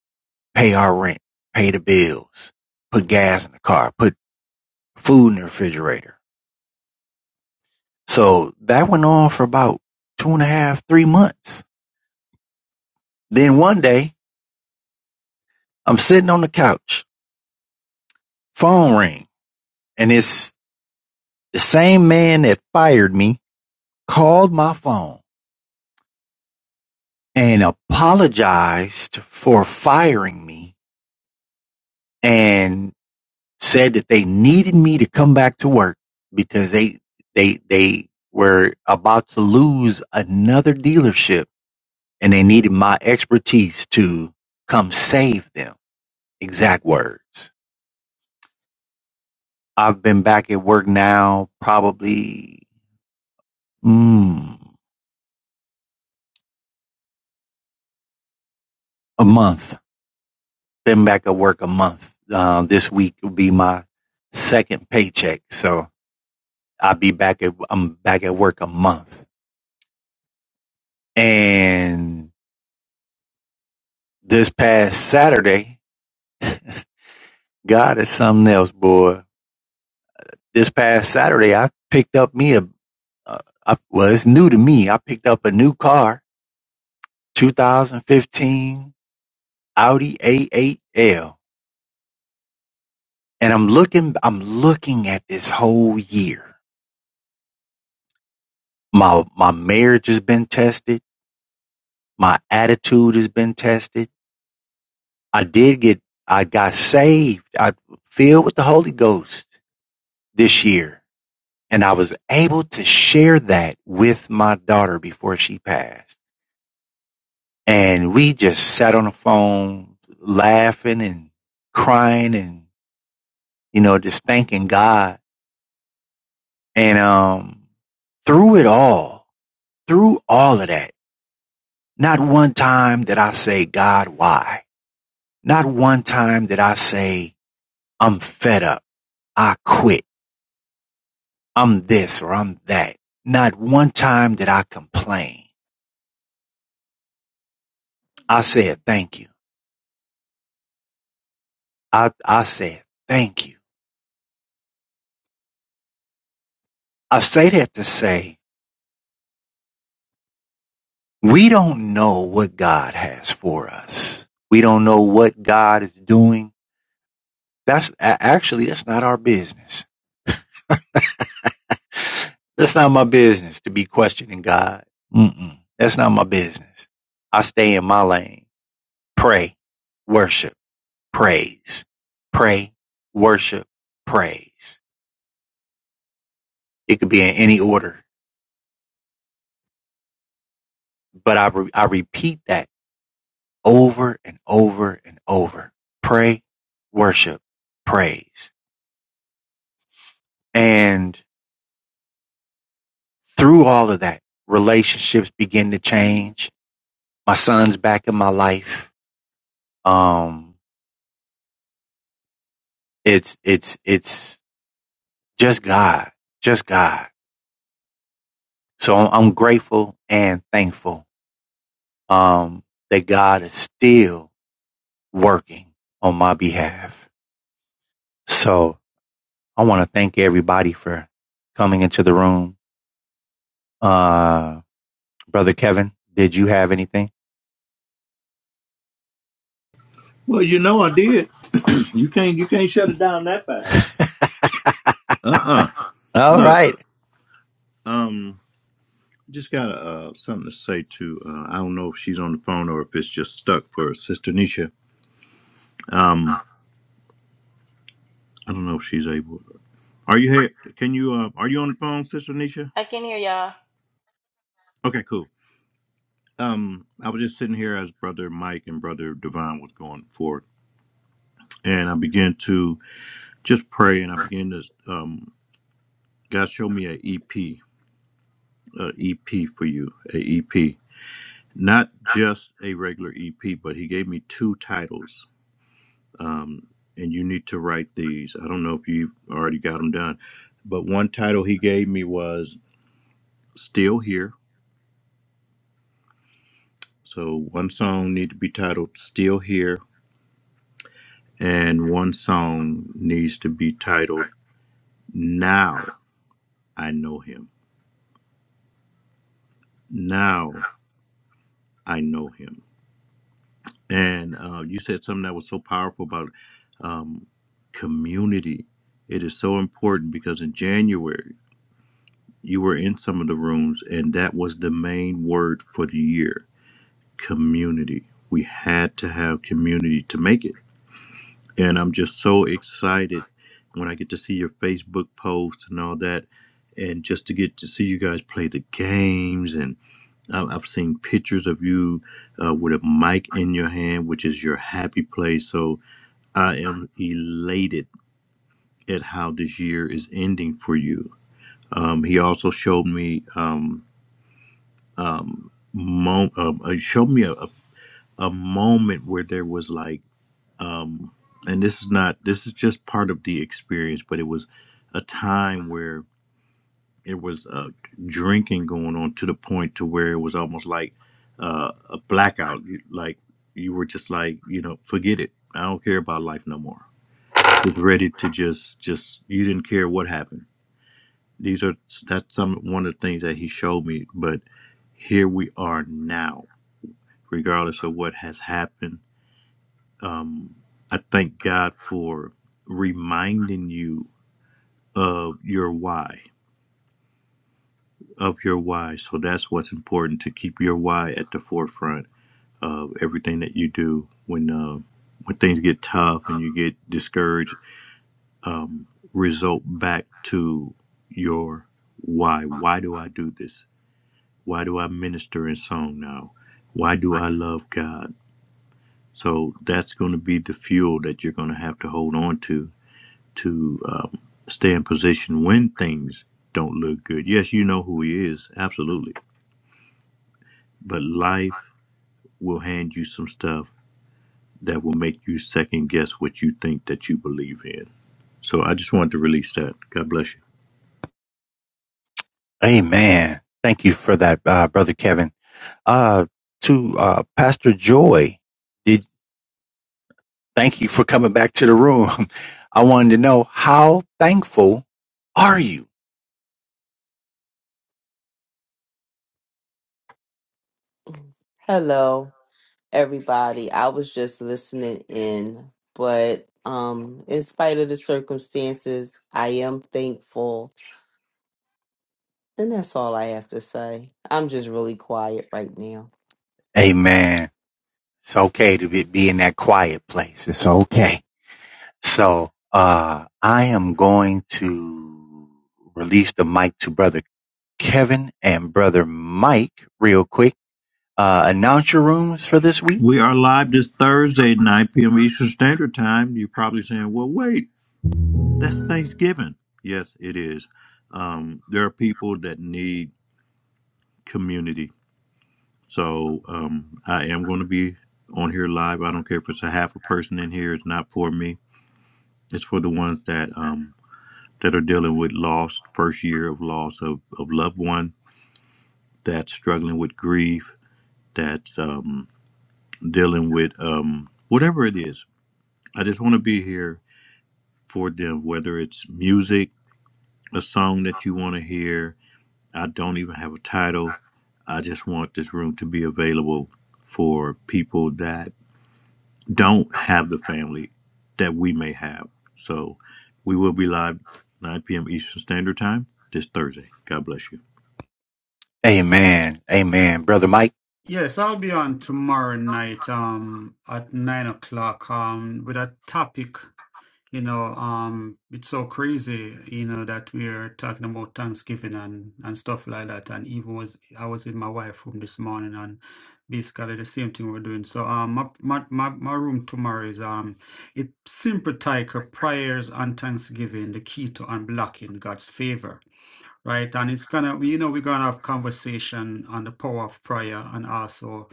A: pay our rent, pay the bills, put gas in the car, put food in the refrigerator. So that went on for about two and a half, three months. Then one day I'm sitting on the couch, phone ring, and it's the same man that fired me called my phone and apologized for firing me and said that they needed me to come back to work because they they they were about to lose another dealership and they needed my expertise to come save them. Exact words. I've been back at work now probably mm, a month. Been back at work a month. Uh, this week will be my second paycheck, so I'll be back at I'm back at work a month and This past Saturday, God is something else, boy. This past Saturday, I picked up me a, uh, I, well, it's new to me. I picked up a new car, 2015 Audi A8L. And I'm looking, I'm looking at this whole year. My, my marriage has been tested. My attitude has been tested. I did get, I got saved. I filled with the Holy Ghost this year And I was able to share that with my daughter before she passed. And we just sat on the phone laughing and crying and, you know, just thanking God. And, um, through it all, through all of that, not one time did I say, God, why? Not one time did I say, I'm fed up. I quit. I'm this or I'm that. Not one time did I complain. I said, thank you. I, I said, thank you. I say that to say, we don't know what God has for us. We don't know what God is doing. That's actually, that's not our business. That's not my business to be questioning God. Mm-mm. That's not my business. I stay in my lane, pray, worship, praise, pray, worship, praise. It could be in any order, but I, re- I repeat that over and over and over. Pray, worship, praise. And through all of that, relationships begin to change. My son's back in my life. Um, it's, it's, it's just God, just God. So I'm, grateful and thankful, um, that God is still working on my behalf. So I want to thank everybody for coming into the room. Uh, Brother Kevin, did you have anything?
C: Well, you know I did. You can't you can't shut it down that fast. Uh uh
A: All
C: Look,
A: right.
C: um, just got uh something to say to. Uh, I don't know if she's on the phone or if it's just stuck for Sister Nisha. Um, I don't know if she's able. Are you here? Can you? Uh, are you on the phone, Sister Nisha?
D: Okay.
C: Okay, cool. Um, I was just sitting here as Brother Mike and Brother Divine was going forward, and I began to just pray, and I began to um, God showed me an EP, EP for you, a EP, not just a regular EP, but He gave me two titles, um, and you need to write these. I don't know if you already got them done, but one title He gave me was "Still Here." So one song need to be titled "Still Here." And one song needs to be titled Now I Know Him. Now I Know Him. And uh, you said something that was so powerful about um, community. It is so important because in January, you were in some of the rooms, and that was the main word for the year community. We had to have community to make it. and I'm just so excited when I get to see your Facebook posts and all that, and just to get to see you guys play the games. And I- I've seen pictures of you uh, with a mic in your hand, which is your happy place. So I am elated at how this year is ending for you. Um, he also showed me um, um, mo- um, uh, showed me a, a a moment where there was like um, and this is not this is just part of the experience but it was a time where it was uh, drinking going on to the point to where it was almost like uh, a blackout You- like you were just like you know forget it i don't care about life no more just ready to just just you didn't care what happened these are that's some one of the things that he showed me but here we are now regardless of what has happened Um, I thank God for reminding you of your why, of your why. So that's what's important to keep your why at the forefront of everything that you do. When uh, when things get tough and you get discouraged, um, result back to your why. Why do I do this? Why do I minister in song now? Why do I love God? So that's going to be the fuel that you're going to have to hold on to to um, stay in position when things don't look good. Yes, you know who he is, absolutely. But life will hand you some stuff that will make you second guess what you think that you believe in. So I just wanted to release that. God bless you.
A: Amen. Thank you for that, uh, Brother Kevin. Uh, to uh, Pastor Joy, did thank you for coming back to the room. I wanted to know how thankful are you?
G: Hello, everybody. I was just listening in, but um, in spite of the circumstances, I am thankful, and that's all I have to say. I'm just really quiet right now.
A: Amen. It's okay to be, be in that quiet place. It's okay. So uh, I am going to release the mic to Brother Kevin and Brother Mike real quick. Uh, announce your rooms for this week
C: We are live this Thursday, at 9 p.m. Eastern Standard Time. You're probably saying, well, wait, that's Thanksgiving. Yes, it is. Um, there are people that need community So um, I am going to be on here live. I don't care if it's a half a person in here. It's not for me. It's for the ones that um, that are dealing with loss, first year of loss of, of loved one, that's struggling with grief, that's um, dealing with um, whatever it is. I just want to be here for them, whether it's music, a song that you want to hear. I don't even have a title. I just want this room to be available for people that don't have the family that we may have. So we will be live 9 p.m. Eastern Standard Time this Thursday. God bless you.
A: Amen. Amen. Brother Mike,
B: Yes, I'll be on tomorrow night um at nine o'clock um with a topic. You know, um, it's so crazy, you know, that we're talking about Thanksgiving and and stuff like that. And even was I was in my wife's room this morning, and basically the same thing we're doing. So, um, my my my, my room tomorrow is um, it's simple tiger prayers and Thanksgiving, the key to unblocking God's favor right? And it's gonna, you know, we're gonna have conversation on the power of prayer and also,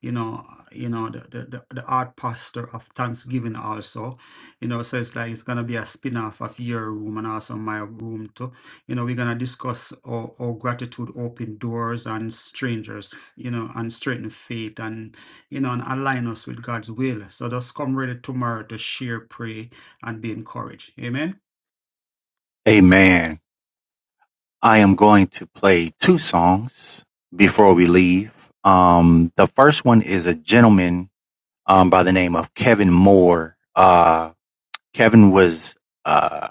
B: you know, you know, the the the, art posture of Thanksgiving also, you know. So it's like it's gonna be a spin-off of your room and also my room too. You know, we're gonna discuss our, our gratitude, open doors, and strangers, you know, and strengthen faith, and you know, and align us with God's will. So just come ready tomorrow to share, pray, and be encouraged. Amen.
A: amen. I am going to play two songs before we leave. Um, the first one is a gentleman, um, by the name of Kevin Moore. Uh, Kevin was, uh,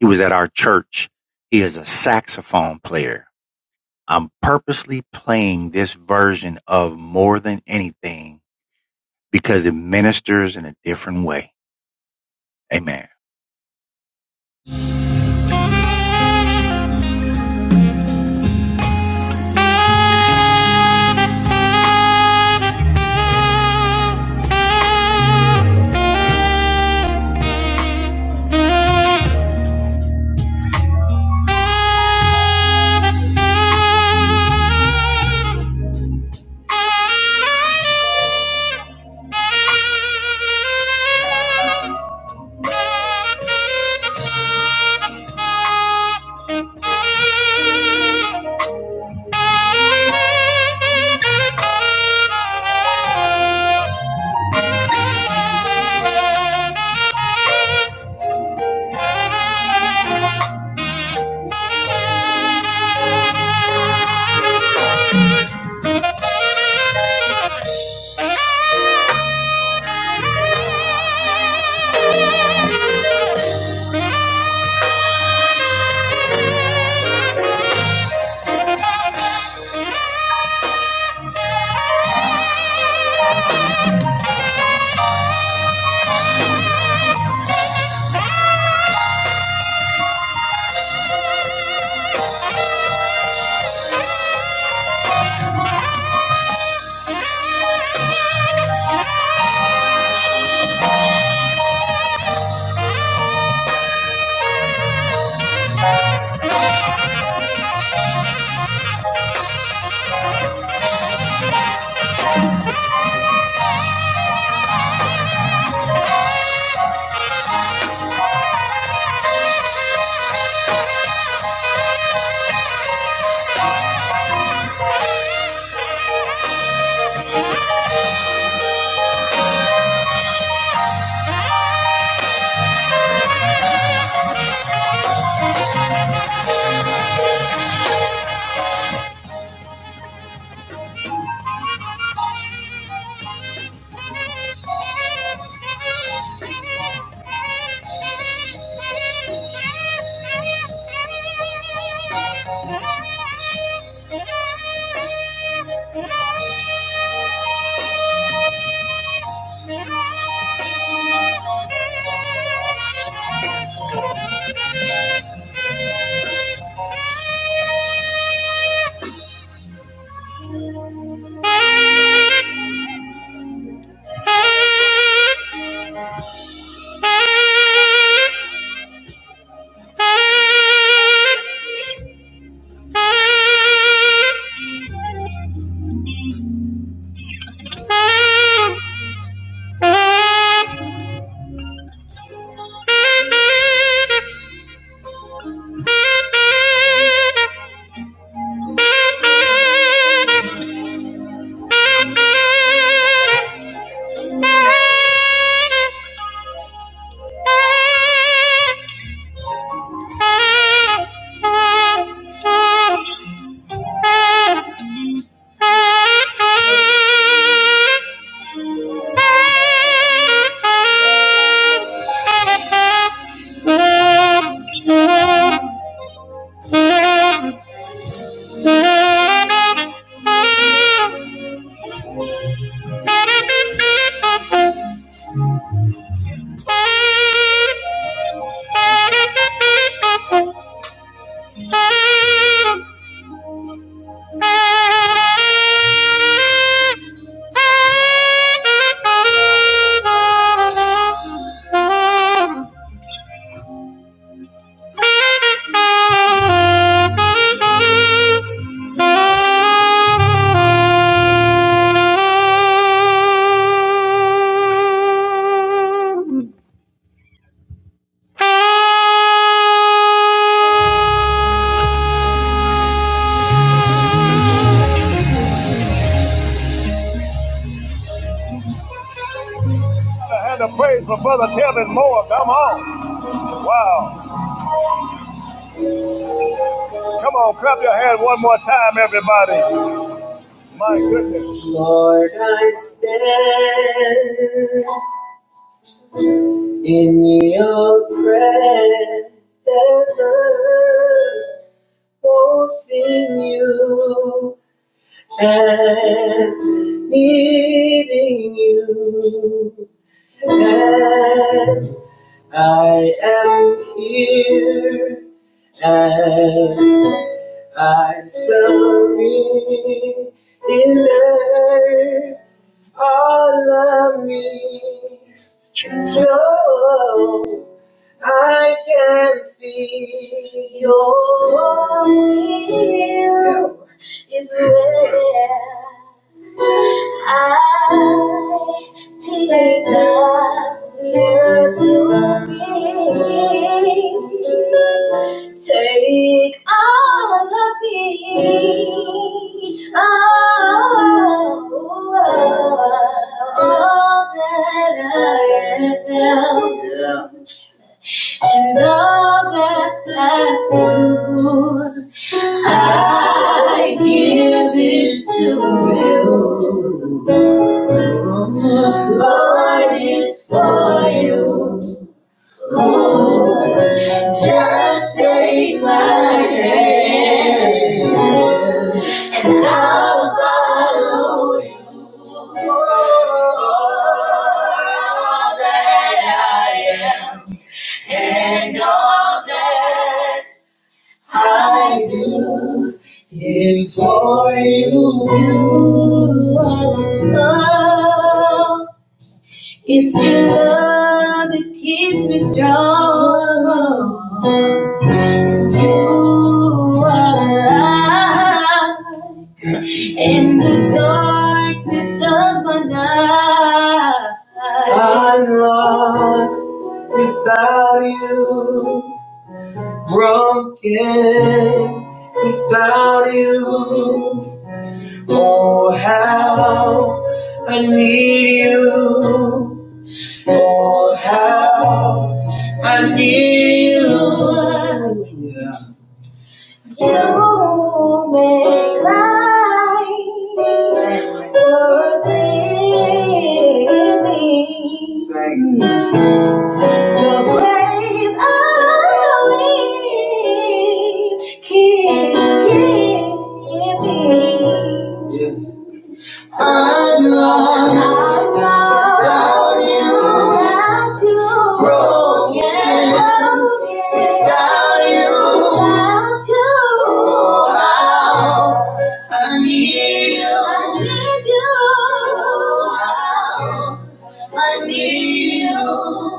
A: he was at our church. He is a saxophone player. I'm purposely playing this version of more than anything because it ministers in a different way. Amen. Thank you. Thank you. Thank you. Thank you. Thank you. Thank you. Lord, I stand. In your presence, won't you and needing you. And I am here, and I surrender all of me. Jesus. I can feel your will is where I take that to ring. Take all of me, all, all that I am. Yeah and all that I do, I give it to you. Lord is for you. Just take my soul. It's your love that keeps me strong. You are light in the darkness of my night. Without you again, without you, oh how I need you, oh how I need you. You make life worth living. The praise always keeps giving. I'm without you. Without you. Broken. Broken. Without you. Without you. Oh, how I need you. Oh, how I need you.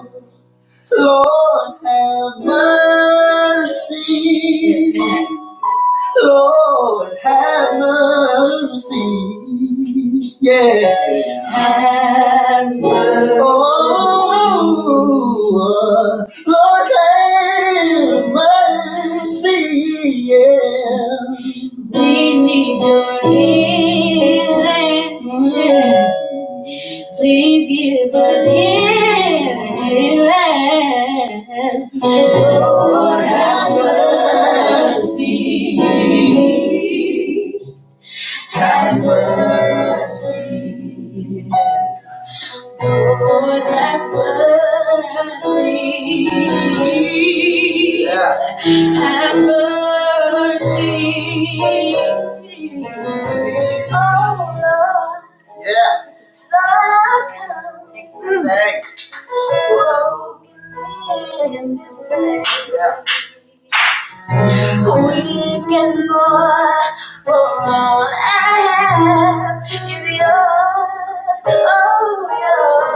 A: Lord have mercy. Lord have mercy. Yeah. Have mercy. Oh, Lord have mercy. Yeah. We need your healing. Yeah. Please give us healing. Lord, have mercy. Lord, have mercy. Yeah. Have mercy. Oh, Lord, thou come. Take this. Broken man in this place. week and more. For all I have is yours, oh, yours.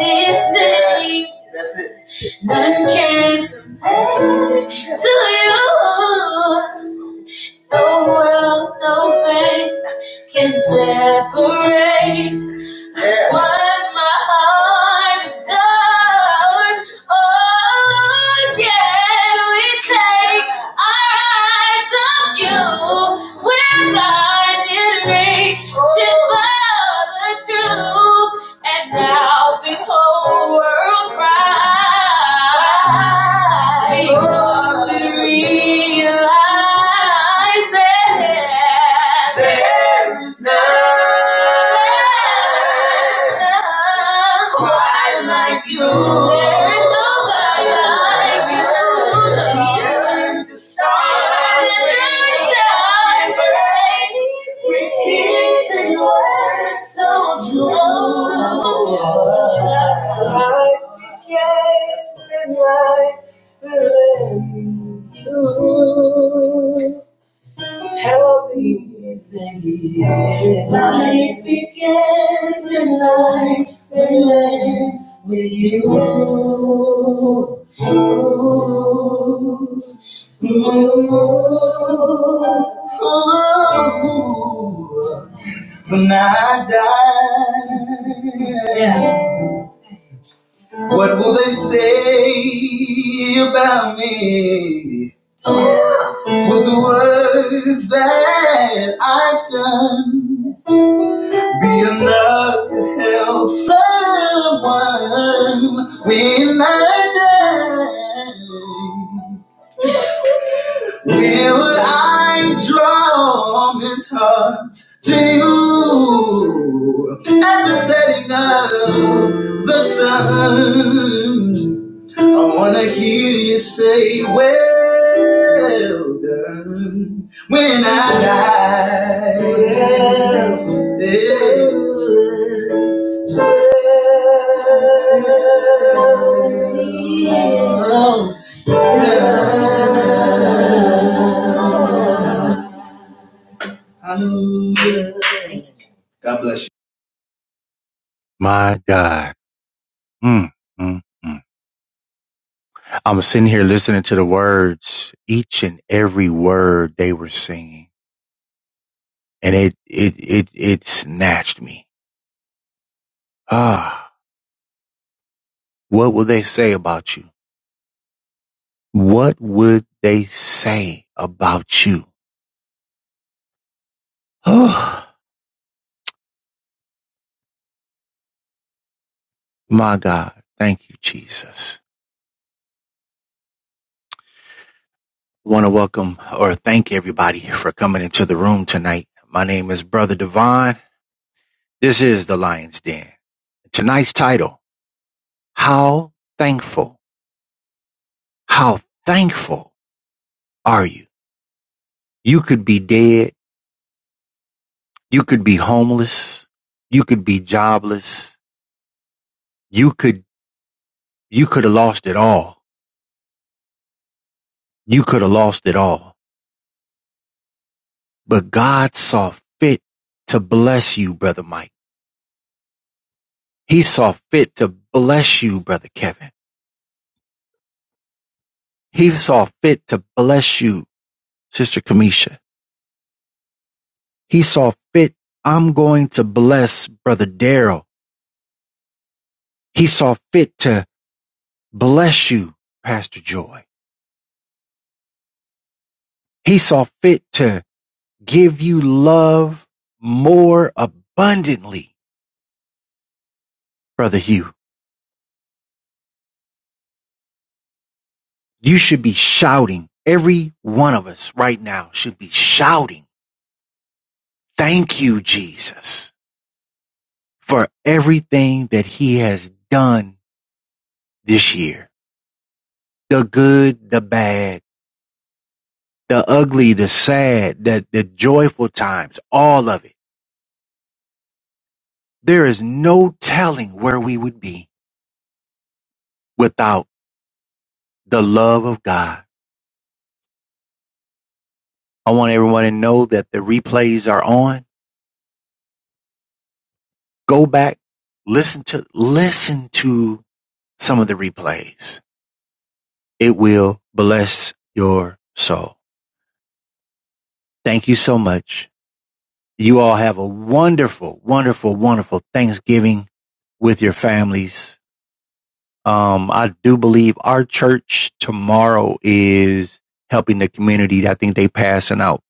A: And this life, this thing, That's it. none can compare to yours. No world, no fame can separate. Yeah. What my heart does. Oh, yet we take our eyes off you. We're blinded, reaching for the truth. And now this whole world cries because it realizes there is none, quite like you. There is nobody like you. Lord. You're The stars, the stars, Repeat the words so true. I guess when I love you. Help me sing is life begins and life will end with you. Ooh, ooh, ooh. When I die, yeah. What will they say about me? Will the words that I've done be enough to help someone when I die? Will I draw men's hearts to you at the setting of the sun? I wanna hear you say, Well done, when I die. Well done. Well done. Hallelujah. God bless you. My God. Mm, mm, mm. I'm sitting here listening to the words, each and every word they were singing. and it it it it snatched me. Ah, what will they say about you? What would they say about you? Oh, my God. Thank you, Jesus. I Want to welcome or thank everybody for coming into the room tonight. My name is Brother Devon. This is the Lion's Den. Tonight's title, How Thankful. How thankful are you? You could be dead. You could be homeless. You could be jobless. You could You could have lost it all. You could have lost it all. But God saw fit to bless you, Brother Mike. He saw fit to bless you, Brother Kevin. He saw fit to bless you, Sister Kamisha. He saw fit, I'm going to bless Brother Daryl. He saw fit to bless you, Pastor Joy. He saw fit to give you love more abundantly, Brother Hugh. You should be shouting. Every one of us right now should be shouting, Thank you, Jesus, for everything that He has done this year. The good, the bad, the ugly, the sad, the, the joyful times, all of it. There is no telling where we would be without the love of God. I want everyone to know that the replays are on. Go back, listen to, listen to some of the replays It will bless your soul. Thank you so much. You all have a wonderful, wonderful, wonderful Thanksgiving with your families. Um, I do believe our church tomorrow is helping the community. I think they passing out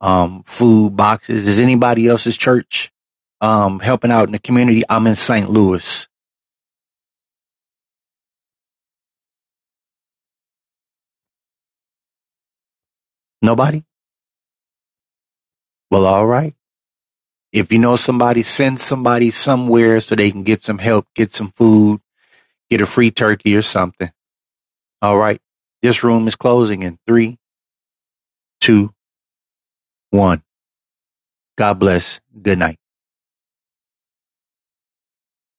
A: um, food boxes. Is anybody else's church um, helping out in the community? I'm in St. Louis. Nobody? Well, all right. If you know somebody, send somebody somewhere so they can get some help, get some food get a free turkey or something. All right. This room is closing in three, two, one. God bless. Good night.